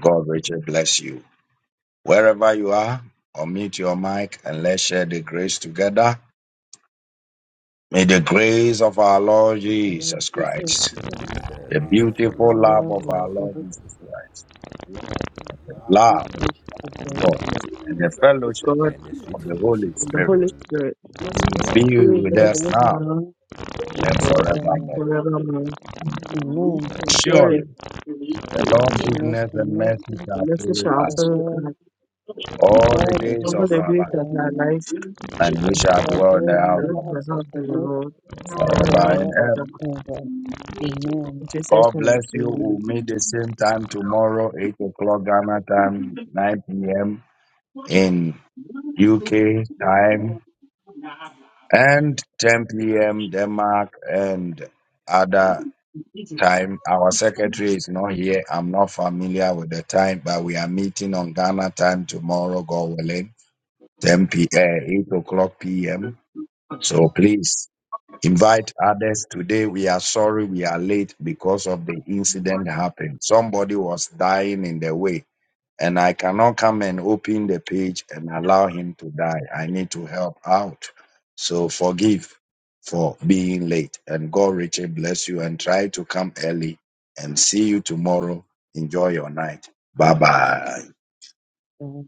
S1: God richly bless you. Wherever you are, unmute your mic and let's share the grace together. May the grace of our Lord
S13: Lord
S1: Jesus
S13: Jesus
S1: Christ,
S13: Christ,
S9: Beautiful The
S1: the beauty
S9: beautiful love
S13: now and
S9: of God.
S13: God,
S1: of
S9: love
S13: which
S1: love
S13: is of
S1: of God,
S13: grace,
S6: God,
S9: and the sweet fellowship
S6: and
S9: of
S6: the
S9: the Holy
S6: Holy Spirit, be
S1: be
S6: with
S1: with
S13: be
S1: us
S6: us
S13: blessed
S1: now
S6: now
S13: now and
S1: and
S6: and
S13: forevermore.
S1: forevermore.
S6: forevermore.
S13: Amen.
S1: surely
S6: Surely,
S1: the Lord
S13: Goodness
S1: goodness
S13: and
S1: and mercy
S13: mercy
S6: the
S1: shall
S6: message
S1: follow
S6: shall
S13: shall
S1: us
S6: follow
S13: follow
S6: us
S1: all the
S13: all the
S1: days
S6: all
S1: of
S13: days
S6: the
S1: our
S13: of
S6: days
S1: life,
S6: of
S13: our
S6: our
S13: life,
S6: lives, and
S1: and we
S13: and we
S1: shall
S13: shall
S1: dwell in the
S13: dwell
S6: the
S13: in
S1: house
S13: the
S6: Lord
S1: of God
S6: of
S13: house
S6: the
S13: of
S6: house
S13: the
S6: of the
S13: Lord
S6: Lord, forever
S1: forever
S6: and
S1: and
S13: forever
S1: ever.
S6: ever.
S13: and ever.
S6: In Jesus'
S1: God bless
S6: name,
S1: you.
S6: amen.
S1: We'll meet the same time tomorrow, 8 o'clock Ghana time, 9 p.m. in UK time and 10 p.m. Denmark and other time. Our secretary is not here. I'm not familiar with the time, but we are meeting on Ghana time tomorrow, God willing, 10 p.m., 8 o'clock p.m. So please invite others. Today we are sorry we are late because of the incident happened. Somebody was dying in the way and I cannot come and open the page and allow him to die. I need to help out. So forgive for being late. And God richly bless you and try to come early and see you tomorrow. Enjoy your night. Bye bye.
S13: Amen.